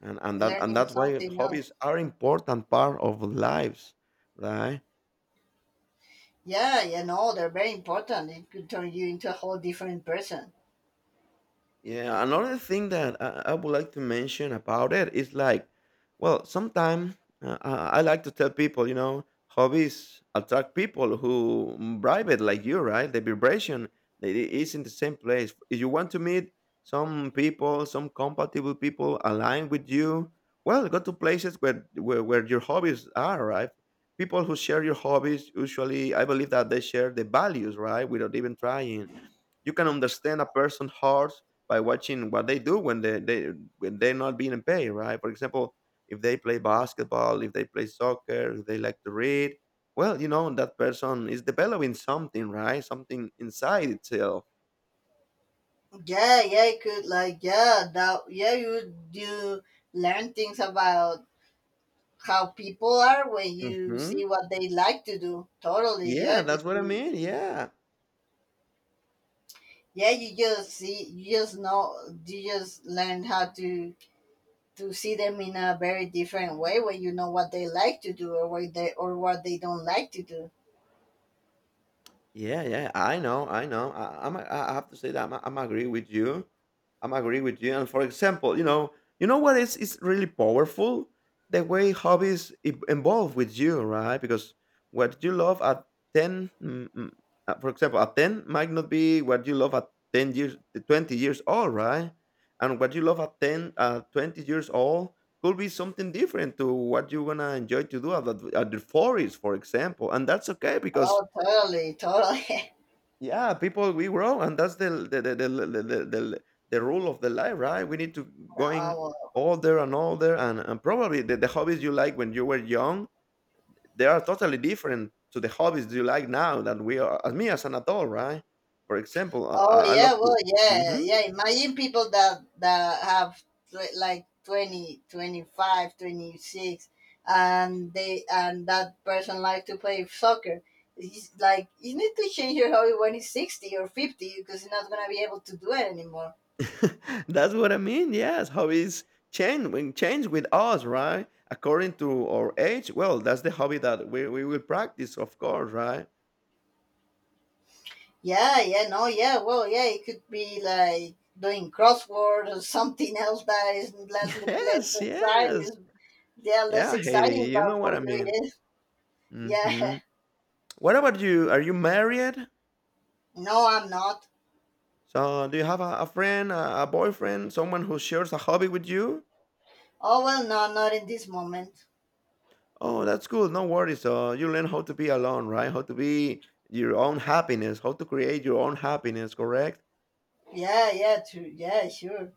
A: And
B: Learning
A: that's why
B: something else.
A: hobbies are important part of lives, right?
B: Yeah, they're very important. It could turn you into a whole different person.
A: Yeah, another thing that I would like to mention about it is like, well, sometimes I like to tell people, hobbies attract people who private like you, right? The vibration that it is in the same place. If you want to meet some people, some compatible people aligned with you, well, go to places where your hobbies are, right? People who share your hobbies usually, I believe that they share the values, right? Without even trying you can understand a person's heart by watching what they do when they when they're not being paid, right? For example, if they play basketball, if they play soccer, if they like to read, well, that person is developing something, right? Something inside itself.
B: Yeah, yeah, it could like, yeah, that, yeah, you do learn things about how people are when you
A: Hmm.
B: see what they like to do. Totally,
A: Yeah,
B: yeah, 'cause
A: that's what I
B: you,
A: mean. Yeah.
B: yeah, you just see, you just know, you just learn how to see them in a very different way when you know what they like to do or what they don't like to do.
A: Yeah, yeah, I know, I know. I, I'm, I have to say that I'm agree with you. I'm agree with you. And for example, you know what is really powerful the way hobbies evolve with you, right? Because what you love at ten, for example, at ten might not be what you love at 10 years, 20 years old, right? And what you love at 10, 20 years old could be something different to what you're gonna enjoy to do at the forest, for example. And that's okay because
B: Oh, totally, totally. (laughs)
A: yeah, people we grow, and that's the rule of the life, right? We need to going
B: Oh, well.
A: older and older, and probably the hobbies you like when you were young, they are totally different to the hobbies you like now that we are, as me as an adult, right? For example, I,
B: Oh
A: I I love
B: yeah, well,
A: to.
B: yeah,
A: Mhm.
B: yeah. Imagine people that have like 20, 25, 26, and they and that person like to play soccer. It's like you need to change your hobby when it's 60 or 50 because you're not gonna be able to do it anymore.
A: (laughs) That's what I mean. Yes, hobbies change with us, right? According to our age. Well, that's the hobby that we will practice, of course, right?
B: Yeah, yeah, no, yeah, well, yeah. It could be like doing crossword or something else that is less
A: (laughs)
B: less
A: Yes, yes.
B: exciting. Yeah, less
A: Yeah, Haiti,
B: exciting,
A: you know
B: but
A: what
B: for
A: I
B: you
A: mean.
B: it is. (laughs) Yeah.
A: Mhm. What about you? Are you married?
B: No, I'm not.
A: So, do you have a friend, a boyfriend, someone who shares a hobby with you?
B: Oh well, no, not in this moment.
A: Oh, that's cool. No worries. So, you learn how to be alone, right? How to be your own happiness, how to create your own happiness, correct?
B: Yeah, yeah, true. Yeah, sure.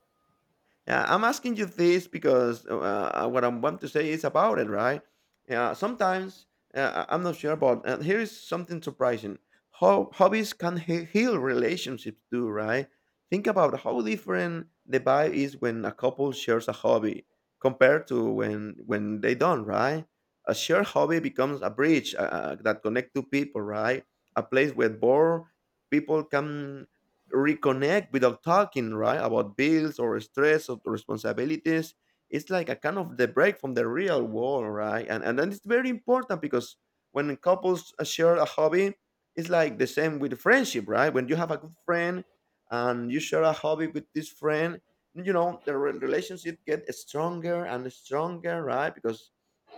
A: Yeah, I'm asking you this because what I want to say is about it, right? Yeah, sometimes I'm not sure, but here is something surprising. How hobbies can heal relationships too, right? Think about how different the vibe is when a couple shares a hobby compared to when they don't, right? A shared hobby becomes a bridge that connect two people, right? A place where bored people come reconnect without talking, right? About bills or stress or responsibilities. It's like a kind of the break from the real world, right? And then it's very important because when couples share a hobby, it's like the same with friendship, right? When you have a good friend and you share a hobby with this friend, you know the relationship get stronger and stronger, right? Because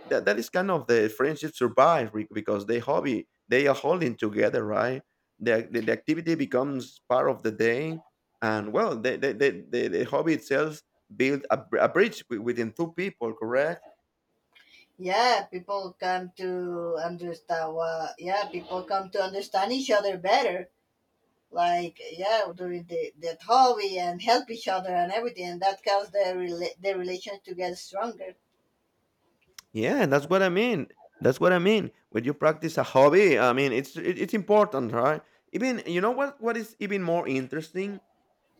A: that is kind of the friendship survive because they hobby they are holding together, right? The activity becomes part of the day, and well the hobby itself build a bridge within two people, correct?
B: Yeah, people come to understand. Well, yeah, people come to understand each other better. Like yeah, during the that hobby and help each other and everything, and that causes the relation to get stronger.
A: Yeah, that's what I mean. When you practice a hobby, I mean it's it's important, right? Even, you know what is even more interesting.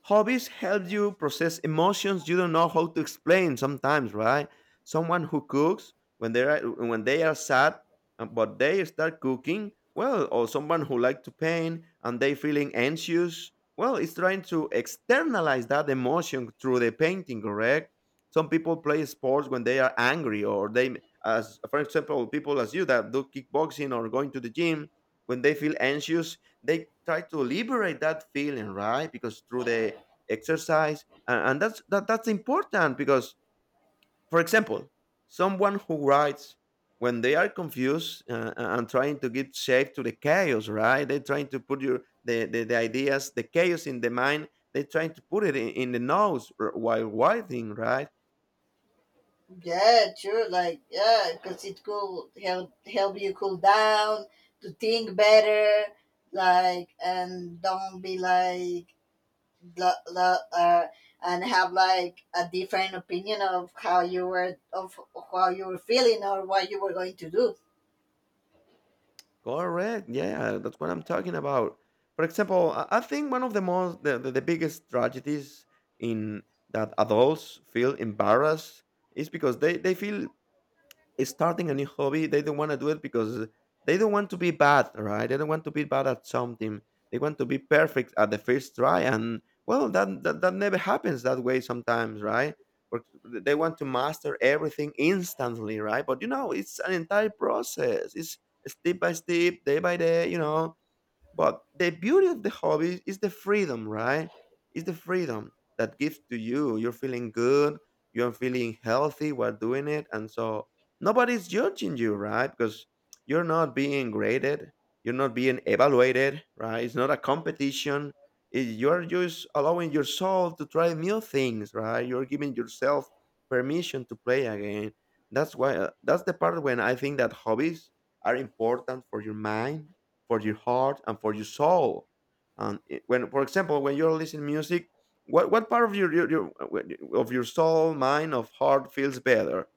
A: Hobbies help you process emotions you don't know how to explain sometimes, right? Someone who cooks when they are sad, but they start cooking, well, or someone who likes to paint and they feeling anxious, well, it's trying to externalize that emotion through the painting, correct? Some people play sports when they are angry or they as for example, people as you that do kickboxing or going to the gym, when they feel anxious, they try to liberate that feeling, right? Because through the exercise, and that's that's important because, for example, someone who writes when they are confused, and trying to give shape to the chaos, right? They're trying to put the ideas the chaos in the mind, they're trying to put it in the nose while writing, right?
B: Yeah, true. Like yeah, because it could help you cool down, to think better, like and don't be like lo- lo- uh, and have like a different opinion of how you were feeling or what you were going to do.
A: Correct. Yeah, that's what I'm talking about. For example, I think one of the most the biggest tragedies in that adults feel embarrassed is because they feel starting a new hobby, they don't want to do it because they don't want to be bad, right? They don't want to be bad at something. They want to be perfect at the first try, and well, that never happens that way sometimes, right? But they want to master everything instantly, right? But it's an entire process. It's step by step, day by day. But the beauty of the hobby is the freedom, right? It's the freedom that gives to you. You're feeling good, you're feeling healthy while doing it. And so nobody's judging you, right? Because you're not being graded, you're not being evaluated, right? It's not a competition. You're just allowing your soul to try new things, right? You're giving yourself permission to play again. That's why, that's the part when I think that hobbies are important for your mind, for your heart, and for your soul. And when, for example, when you're listening music, what part of your soul, mind, of heart feels better?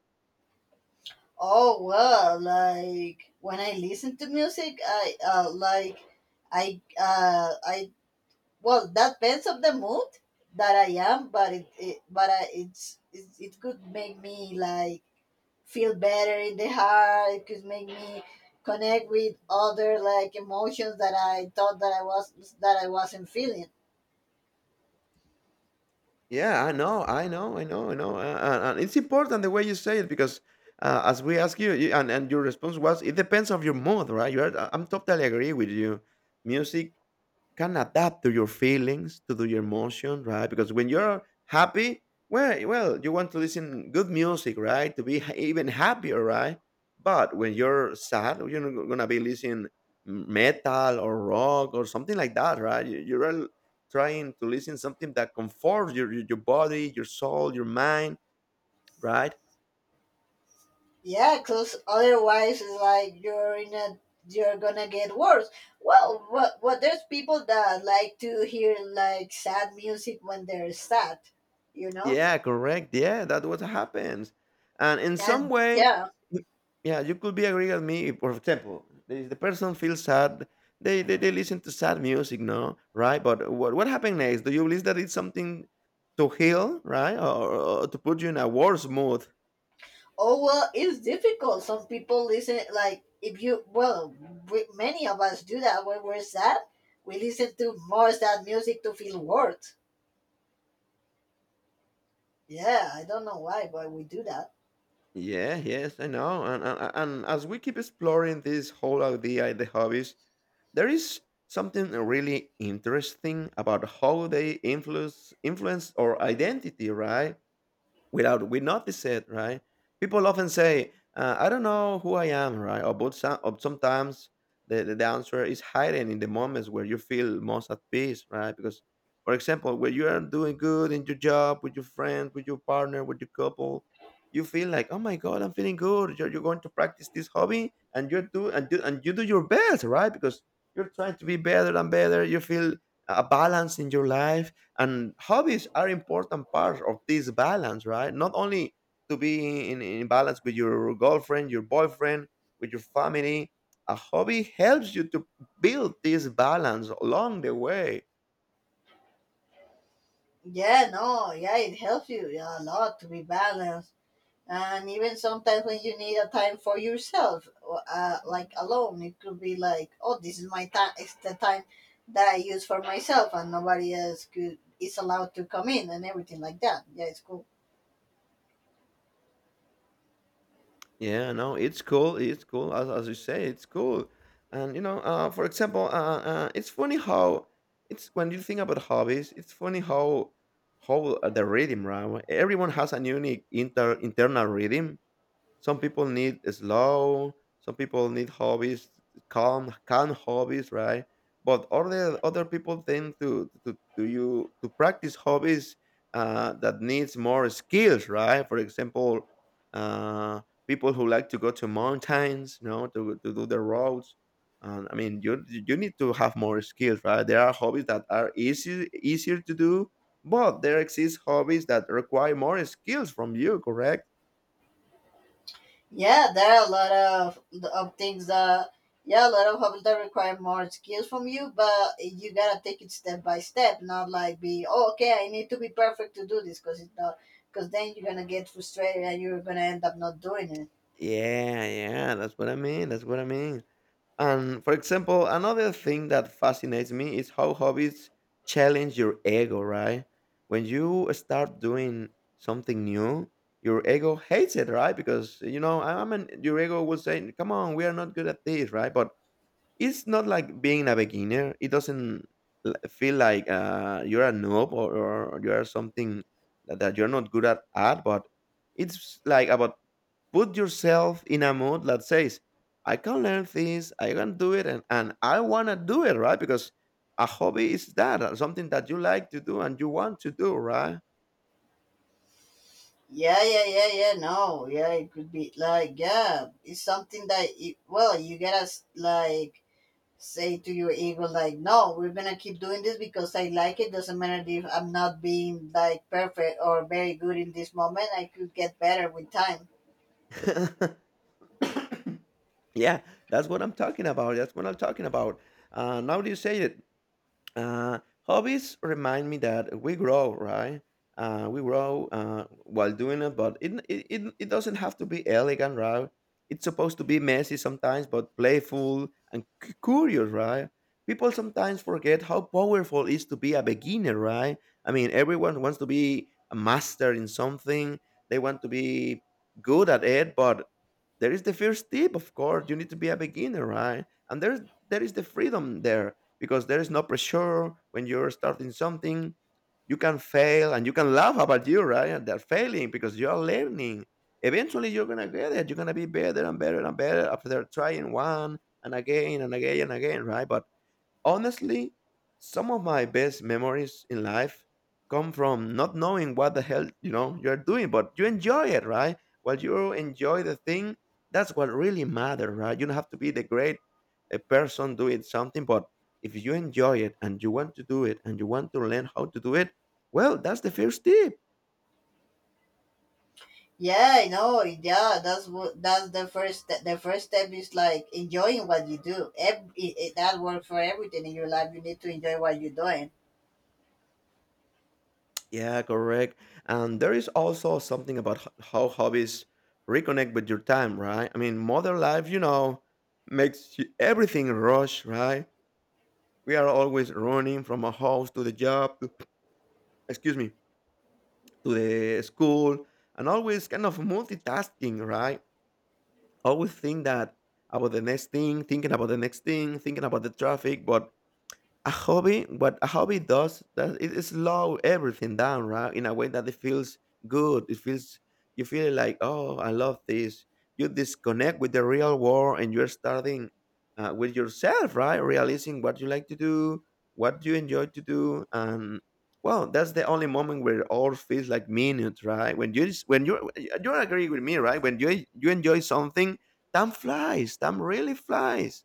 B: Oh well, like, when I listen to music, I like I well, that depends on the mood that I am. But it but I, it's it, it could make me like feel better in the heart. It could make me connect with other like emotions that I thought that I was that I wasn't feeling.
A: Yeah, I know, I know, I know, I know, and it's important the way you say it because as we ask you, and your response was, it depends on your mood, right? I'm totally agree with you. Music can adapt to your feelings, to do your emotion, right? Because when you're happy, well, you want to listen good music, right? To be even happier, right? But when you're sad, well, you're not gonna be listening metal or rock or something like that, right? You're all trying to listen something that comforts your body, your soul, your mind, right?
B: Yeah, because otherwise, it's like you're in a you're gonna get worse. Well, what there's people that like to hear like sad music when they're sad, you know.
A: Yeah, correct. Yeah, that what happens. And in some
B: And
A: way,
B: yeah,
A: y- yeah, you could be agree with me. For example, if the person feels sad, they listen to sad music, no? Right? But what happened next? Do you believe that it's something to heal, right? Or to put you in a worse mood?
B: oh well, it's difficult. Some people listen like, if you well, we, many of us do that when we're sad. We listen to more sad music to feel worse. Yeah, I don't know why, but we do that.
A: Yeah, yes, I know. And as we keep exploring this whole idea, the hobbies, there is something really interesting about how they influence our identity, right? Without we notice it, right? People often say, "I don't know who I am," right? Or but sometimes the answer is hidden in the moments where you feel most at peace, right? Because, for example, when you are doing good in your job, with your friend, with your partner, with your couple, you feel like, "Oh my God, I'm feeling good." You're going to practice this hobby, and you do and you do your best, right? Because you're trying to be better and better. You feel a balance in your life, and hobbies are important part of this balance, right? Not only to be in balance with your girlfriend, your boyfriend, with your family. A hobby helps you to build this balance along the way.
B: Yeah, no, yeah, it helps you, yeah, a lot to be balanced, and even sometimes when you need a time for yourself, like alone, it could be like, oh, this is my time. It's the time that I use for myself, and nobody else could is allowed to come in and everything like that. Yeah, it's cool.
A: Yeah, no, it's cool, it's cool, as you say, it's cool. And, for example, it's funny how it's when you think about hobbies, it's funny how, the rhythm, right? Everyone has a unique internal rhythm. Some people need slow. Some people need hobbies, calm hobbies, right? But other people tend to practice hobbies that needs more skills, right? For example, uh, people who like to go to mountains, you know, to do the roads. And I mean, you need to have more skills, right? There are hobbies that are easy easier to do, but there exist hobbies that require more skills from you, correct?
B: Yeah, there are a lot of things that, yeah, a lot of hobbies that require more skills from you, but you gotta take it step by step, not like be, oh, okay, I need to be perfect to do this, because it's not, because then you're gonna get frustrated and you're gonna end up not doing it.
A: Yeah, yeah, that's what I mean. That's what I mean. And for example, another thing that fascinates me is how hobbies challenge your ego, right? When you start doing something new, your ego hates it, right? Because I mean, your ego will say, "Come on, we are not good at this," right? But it's not like being a beginner. It doesn't feel like you're a noob, or you are something that you're not good at, but it's like about put yourself in a mood that says, I can learn this, I can do it, and I want to do it, right? Because a hobby is that, something that you like to do and you want to do, right?
B: Yeah, yeah, yeah, yeah. No, yeah, it could be like yeah, it's something that it, well, you gotta like say to your ego like, no, we're gonna keep doing this because I like it. Doesn't matter if I'm not being like perfect or very good in this moment. I could get better with time.
A: (laughs) (coughs) Yeah, that's what I'm talking about. That's what I'm talking about. Now that you say it, hobbies remind me that we grow, right? We grow while doing it, but it doesn't have to be elegant, right? It's supposed to be messy sometimes, but playful and curious, right? People sometimes forget how powerful it is to be a beginner, right? I mean, everyone wants to be a master in something. They want to be good at it, but there is the first tip, of course you need to be a beginner, right? And there is the freedom there, because there is no pressure when you're starting something. You can fail and you can laugh about you, right? And they're failing because you're learning. Eventually you're gonna get it, you're gonna be better and better and better after trying one and again and again and again, right? But honestly, some of my best memories in life come from not knowing what the hell, you're doing, but you enjoy it, right? While you enjoy the thing, that's what really matters, right? You don't have to be the great a person doing something, but if you enjoy it and you want to do it and you want to learn how to do it, well, that's the first step.
B: Yeah, I know. Yeah, that's what that's the first step. The first step is like enjoying what you do. That works for everything in your life. You need to enjoy what you're doing.
A: Yeah, correct. And there is also something about how hobbies reconnect with your time, right? I mean, modern life, makes everything rush, right? We are always running from a house to the job, to, excuse me, to the school, and always kind of multitasking, right? Always think that about the next thing, thinking about the next thing, thinking about the traffic. But a hobby, what a hobby does, that it slow everything down, right? In a way that it feels good, it feels you feel like, oh, I love this. You disconnect with the real world and you're starting with yourself, right? Realizing what you like to do, what you enjoy to do. And well, that's the only moment where it all feels like minutes, right? When you when you agree with me, right? When you enjoy something, time flies, time really flies.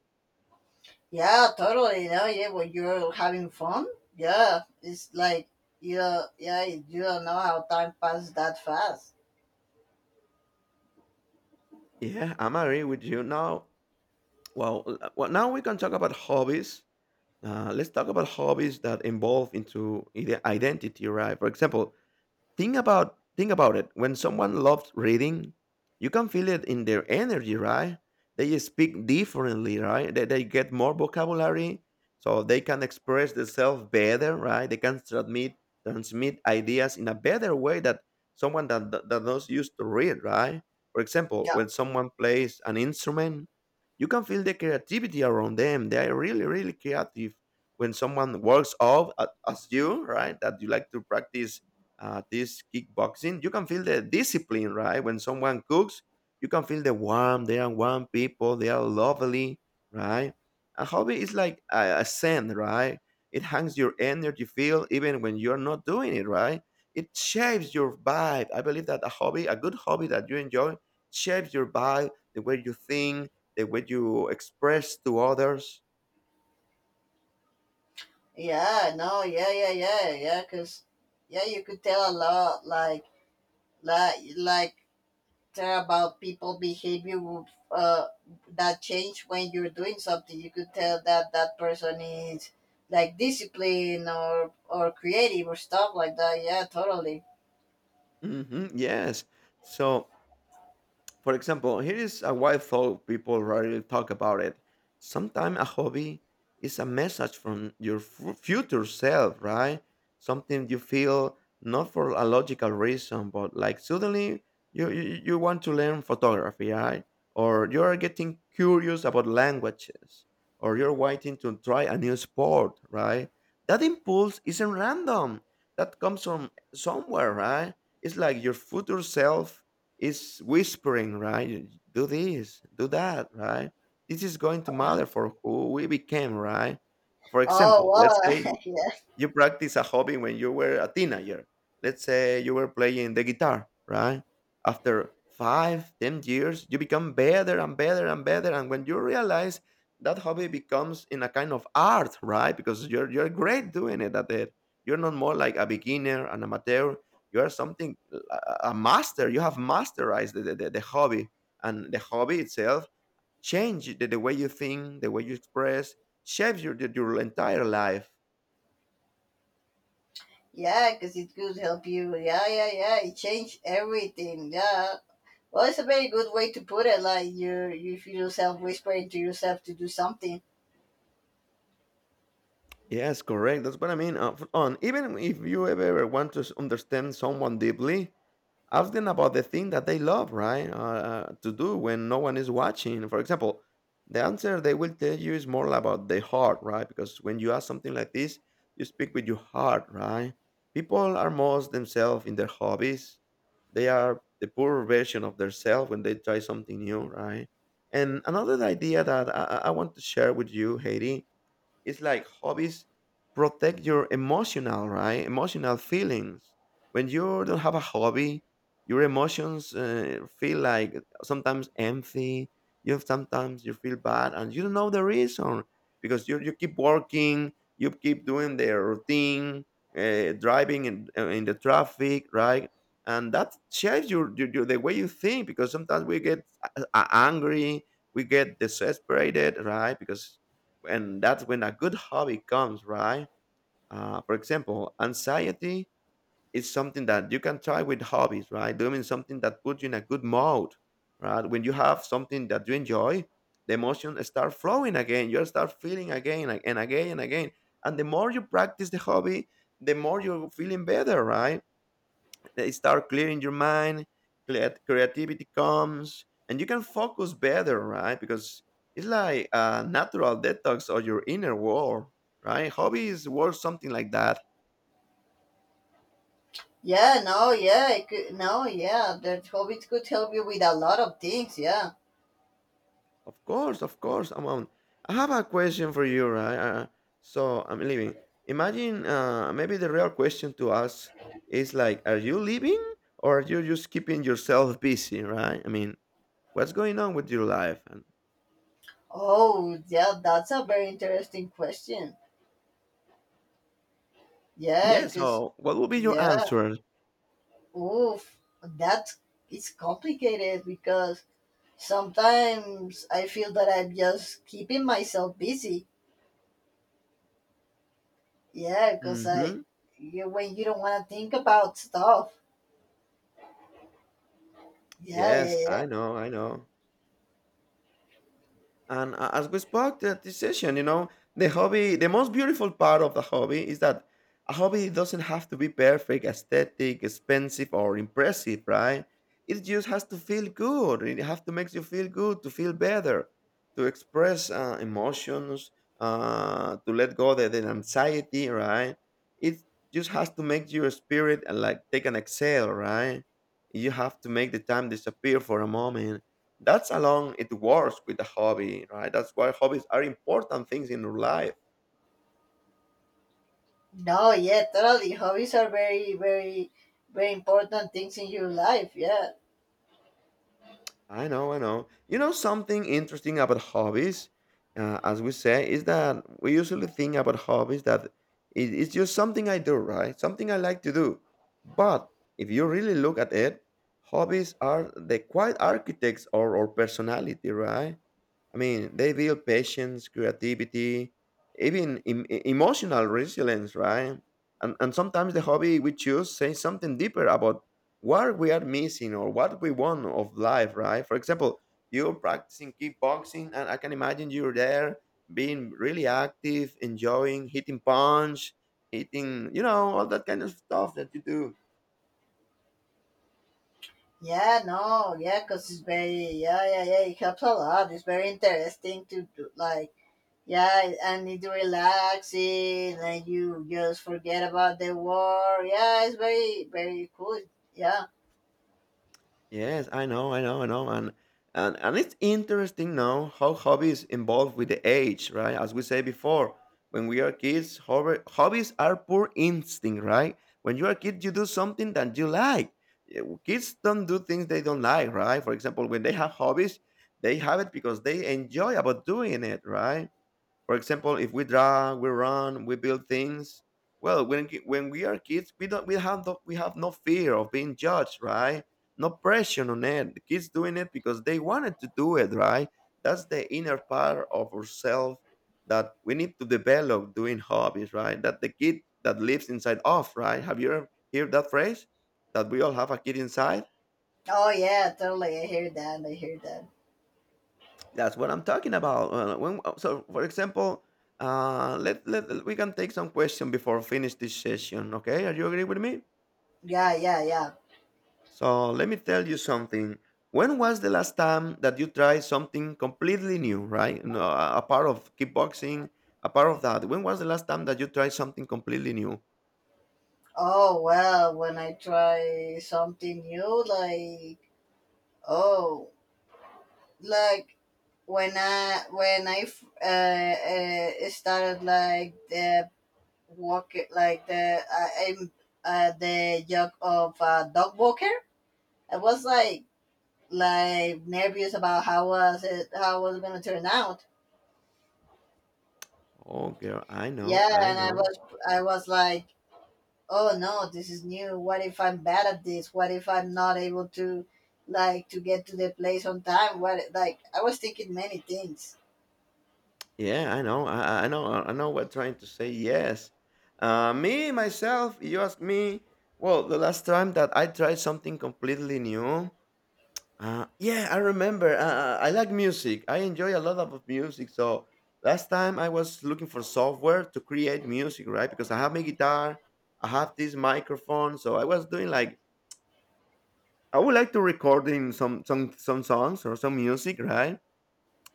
B: Yeah, totally. No, yeah, when you're having fun, yeah, it's like you, yeah, you don't know how time passes that fast.
A: Yeah, I'm agree with you now. Well, now we can talk about hobbies. Let's talk about hobbies that involve into identity, right? For example, Think about it. When someone loves reading, you can feel it in their energy, right? They speak differently, right? They get more vocabulary, so they can express themselves better, right? They can transmit ideas in a better way that someone that not used to read, right? For example,
B: Yeah,
A: when someone plays an instrument, you can feel the creativity around them. They are really, really creative. When someone works off as you, right? That you like to practice this kickboxing, you can feel the discipline, right? When someone cooks, you can feel the warmth. They are warm people. They are lovely, right? A hobby is like a scent, right? It hangs your energy field even when you're not doing it, right? It shapes your vibe. I believe that a hobby, a good hobby that you enjoy, shapes your vibe, the way you think, the way you express to others.
B: yeah, no, yeah, yeah, yeah, yeah, because yeah, you could tell a lot, like, like tell about people behavior with that change when you're doing something. You could tell that that person is like disciplined or creative or stuff like that. Yeah, totally.
A: Hmm, yes. So for example, here is a wild thought people rarely talk about it. Sometimes a hobby is a message from your future self, right? Something you feel not for a logical reason, but like suddenly you want to learn photography, right? Or you're getting curious about languages, or you're waiting to try a new sport, right? That impulse isn't random. That comes from somewhere, right? It's like your future self is whispering, right? Do this, do that, right? This is going to matter for who we became, right? For
B: Oh
A: example, let's say
B: wow, (laughs)
A: you practice a hobby when you were a teenager. Let's say you were playing the guitar, right? After 5, 10 years, you become better and better and better. And when you realize that hobby becomes in a kind of art, right? Because you're great doing it at it. You're not more like a beginner, an amateur. You are something, a master. You have masterized the hobby. And the hobby itself change the way you think, the way you express, shapes your entire life.
B: Yeah, cause it could help you. Yeah, yeah, yeah. It changed everything. Yeah. Well, it's a very good way to put it. Like you feel yourself whispering to yourself to do something.
A: Yes, correct. That's what I mean. F- on Even if you ever want to understand someone deeply, ask them about the thing that they love, right? To do when no one is watching. For example, the answer they will tell you is more about the heart, right? Because when you ask something like this, you speak with your heart, right? People are most themselves in their hobbies. They are the poor version of themselves when they try something new, right? And another idea that I want to share with you, Haiti, it's like hobbies protect your emotional, right? Emotional feelings. When you don't have a hobby, your emotions feel like sometimes empty. You sometimes you feel bad, and you don't know the reason because you keep working, you keep doing the routine, driving in the traffic, right? And that shapes your the way you think because sometimes we get angry, we get desesperated, right? Because and that's when a good hobby comes, right? For example, anxiety is something that you can try with hobbies, right? Doing something that puts you in a good mode, right? When you have something that you enjoy, the emotion start flowing again. You start feeling again and again and again. And the more you practice the hobby, the more you're feeling better, right? They start clearing your mind. Creativity comes, and you can focus better, right? Because it's like a natural detox of your inner world, right? Hobbies work something like that.
B: Yeah, no, yeah, it could, no, yeah. That hobbit could help you with a lot of things. Yeah.
A: Of course, of course. Amon, I have a question for you, right? So I'm leaving. Imagine maybe the real question to us is like, are you living, or are you just keeping yourself busy, right? I mean, what's going on with your life? And
B: Oh, yeah. That's a very interesting question.
A: yeah,
B: Yeah. Cause.
A: so what would be your
B: Yeah.
A: answer?
B: Oof, that's it's complicated because sometimes I feel that I'm just keeping myself busy. Yeah, because I,
A: hmm
B: you, when you don't want to think about stuff. Yeah, yeah,
A: Yes, I
B: yeah.
A: know, I know. As we spoke that decision, the hobby, the most beautiful part of the hobby is that a hobby doesn't have to be perfect, aesthetic, expensive, or impressive, right? It just has to feel good. It has to make you feel good, to feel better, to express emotions, to let go the anxiety, right? It just has to make your spirit like take an exhale, right? You have to make the time disappear for a moment that's along it works with the hobby, right? That's why hobbies are important things in your life.
B: No, yeah, totally. Hobbies are very, very, very important things in your life. Yeah.
A: I know, I know. You know something interesting about hobbies, as we say, is that we usually think about hobbies that it's just something I do, right? Something I like to do. But if you really look at it, hobbies are the quiet architects or personality, right? I mean, they build patience, creativity, even emotional resilience, right? And sometimes the hobby we choose says something deeper about what we are missing or what we want of life, right? For example, you're practicing kickboxing, and I can imagine you're there being really active, enjoying hitting punch, hitting, you know, all that kind of stuff that you do.
B: Yeah, no, yeah, because it's very, yeah, yeah, yeah, it helps a lot. It's very interesting to do like, yeah, and it's relaxing, and you just forget about the war. Yeah, it's very, very cool. Yeah.
A: Yes, I know, I know, I know, and it's interesting now how hobbies involve with the age, right? As we say before, when we are kids, hobbies are poor instinct, right? When you are a kid, you do something that you like. Yeah. Kids don't do things they don't like, right? For example, when they have hobbies, they have it because they enjoy about doing it, right? For example, if we draw, we run, we build things. Well, when we are kids, we have we have no fear of being judged, right? No pressure on it. The kids doing it because they wanted to do it, right? That's the inner part of ourselves that we need to develop doing hobbies, right? That the kid that lives inside off, right? Have you ever heard that phrase? That we all have a kid inside.
B: Oh, yeah, totally. I hear that. I hear that.
A: That's what I'm talking about. For example, let we can take some question before finish this session. Okay, are you agree with me?
B: Yeah, yeah, yeah.
A: So let me tell you something. When was the last time that you tried something completely new? Right, no, a part of kickboxing, a part of that. When was the last time that you tried something completely new?
B: Oh well, when I try something new, like oh, like when I started like the walk like the I'm the job of a dog walker, I was like nervous about how was it gonna turn out.
A: Oh, girl, I know,
B: Yeah,
A: I
B: and
A: know.
B: I was like oh no, this is new, what if I'm bad at this, what if I'm not able to like to get to the place on time, what, like I was thinking many things.
A: Yeah, I know. I know. I know we're trying to say yes. Me, myself, you ask me, well, the last time that I tried something completely new, yeah, I remember. I like music. I enjoy a lot of music. So last time I was looking for software to create music, right? Because I have my guitar, I have this microphone. So I was doing like, I would like to record in some songs or some music, right?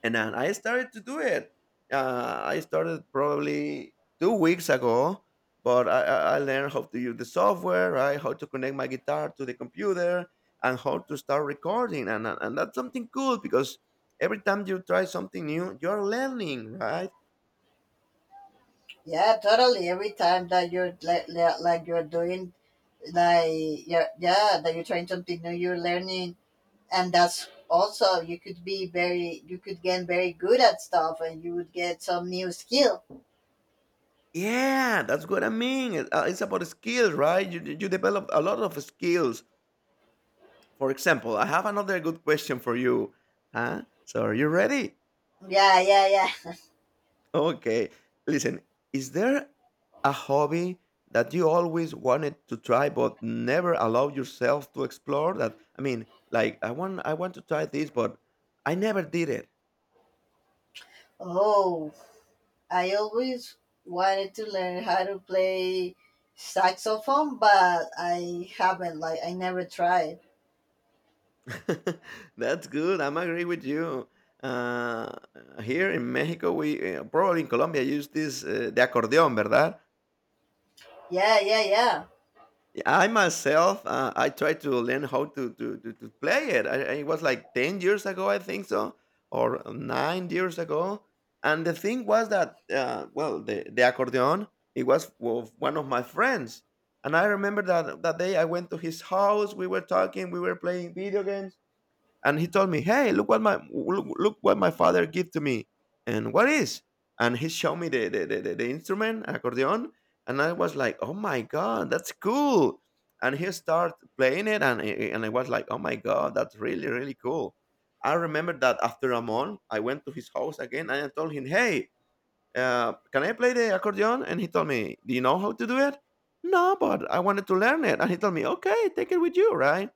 A: And then I started to do it. I started probably 2 weeks ago, but I learned how to use the software, right? How to connect my guitar to the computer and how to start recording. And that's something cool because every time you try something new, you're learning, right?
B: Yeah, totally, every time that you're like you're doing like yeah, yeah that you're trying something new you're learning, and that's also you could be very you could get very good at stuff and you would get some new skill.
A: Yeah, that's what I mean. It's about skills, right? You develop a lot of skills. For example, I have another good question for you. Huh? So, are you ready?
B: Yeah, yeah, yeah.
A: Okay. Listen, is there a hobby that you always wanted to try but never allowed yourself to explore? That I mean, like I want to try this but I never did
B: (laughs) Oh, I always wanted to learn how to play saxophone, but I haven't. Like, I never tried.
A: it. (laughs) That's good. I'm agree with you. Uh, here in Mexico, we probably in Colombia use this the accordion, ¿verdad?
B: Yeah, yeah, yeah.
A: Yeah, I myself, I tried to learn how to play it. It was like 10 years ago, I think so, or 9 years ago. And the thing was that, well, the accordion, it was of one of my friends, and I remember that that day I went to his house. We were talking, we were playing video games, and he told me, "Hey, look, look what my father gave to me." And what is? And he showed me the the instrument, accordion, and I was like, "Oh my god, that's cool!" And he started playing it, and I was like, "Oh my god, that's really really cool." I remember that after a month, I went to his house again, and I told him, "Hey, can I play the accordion?" And he told me, "Do you know how to do it?" No, but I wanted to learn it, and he told me, "Okay, take it with you, right?"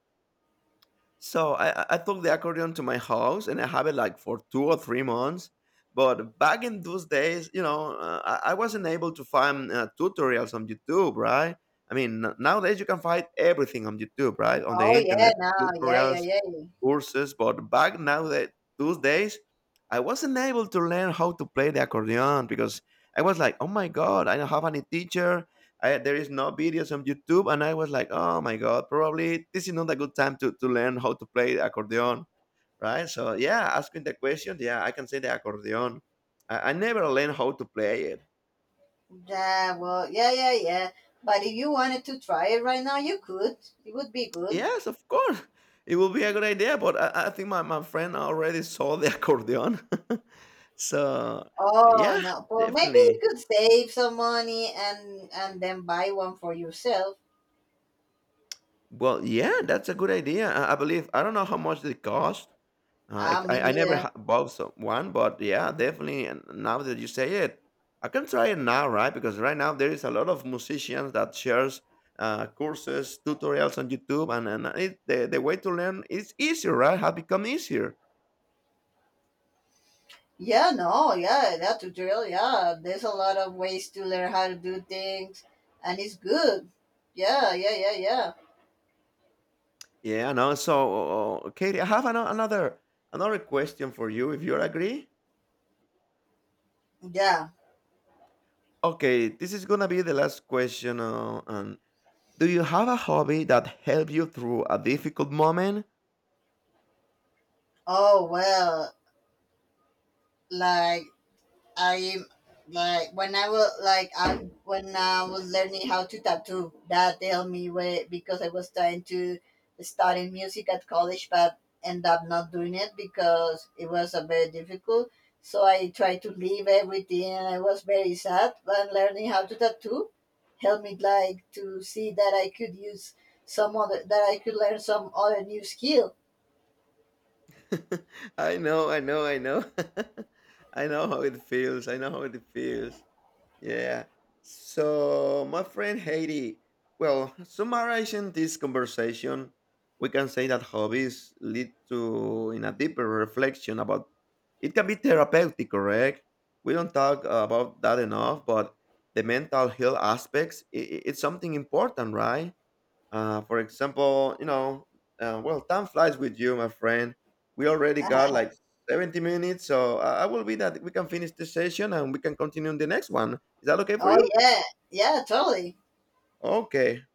A: So I took the accordion to my house and I have it like for 2 or 3 months. But back in those days, you know, I wasn't able to find tutorials on YouTube, right? I mean, nowadays you can find everything on YouTube, right? On the
B: Oh, yeah.
A: internet,
B: Now, yeah, yeah,
A: tutorials,
B: yeah. Yeah.
A: courses, but back now that those days, I wasn't able to learn how to play the accordion because I was like, oh my god, I don't have any teacher. I, there is no videos on YouTube, and I was like, oh my god, probably this is not a good time to learn how to play the accordion, right? So yeah, asking the question, yeah, I can say the accordion. I never learned how to play it.
B: Yeah, well, yeah, yeah, yeah. But if you wanted to try it right now, you could. It would be good.
A: Yes, of course. It will be a good idea, but I think my friend already saw the accordion. (laughs) So,
B: Oh
A: yeah,
B: no. Well, maybe you
A: definitely.
B: could save some money and then buy one for yourself.
A: Well, yeah, that's a good idea. I believe. I don't know how much they cost.
B: Ah, me
A: I never
B: neither.
A: bought one, but yeah, definitely. And now that you say it, I can try it now, right? Because right now there is a lot of musicians that shares courses, tutorials on YouTube, and it, the way to learn is easier, right? Have become easier.
B: Yeah, no, yeah, that tutorial, yeah. There's a lot of ways to learn how to do things, and it's good. Yeah, yeah, yeah, yeah,
A: Yeah, no. So, Katie, I have another question for you, if you agree.
B: yeah.
A: Okay, this is gonna be the last question. And do you have a hobby that helped you through a difficult moment?
B: Oh well, like I like when I was like I when I was learning how to tattoo, that helped me way because I was trying to study music at college, but end up not doing it because it was a very difficult. So I tried to leave everything, and I was very sad. But learning how to tattoo helped me like to see that I could use some other that I could learn some other new skill.
A: (laughs) I know, I know, I know. (laughs) I know how it feels. I know how it feels. Yeah. So, my friend Haiti, well, summarizing this conversation, we can say that hobbies lead to in a deeper reflection about it can be therapeutic, correct? We don't talk about that enough, but the mental health aspects, it's something important, right? For example, you know, well, time flies with you, my friend. We already got
B: (laughs)
A: like 70 minutes, so I will be that we can finish this session and we can continue in the next one. Is that okay for
B: Oh
A: you?
B: yeah, yeah, totally.
A: Okay.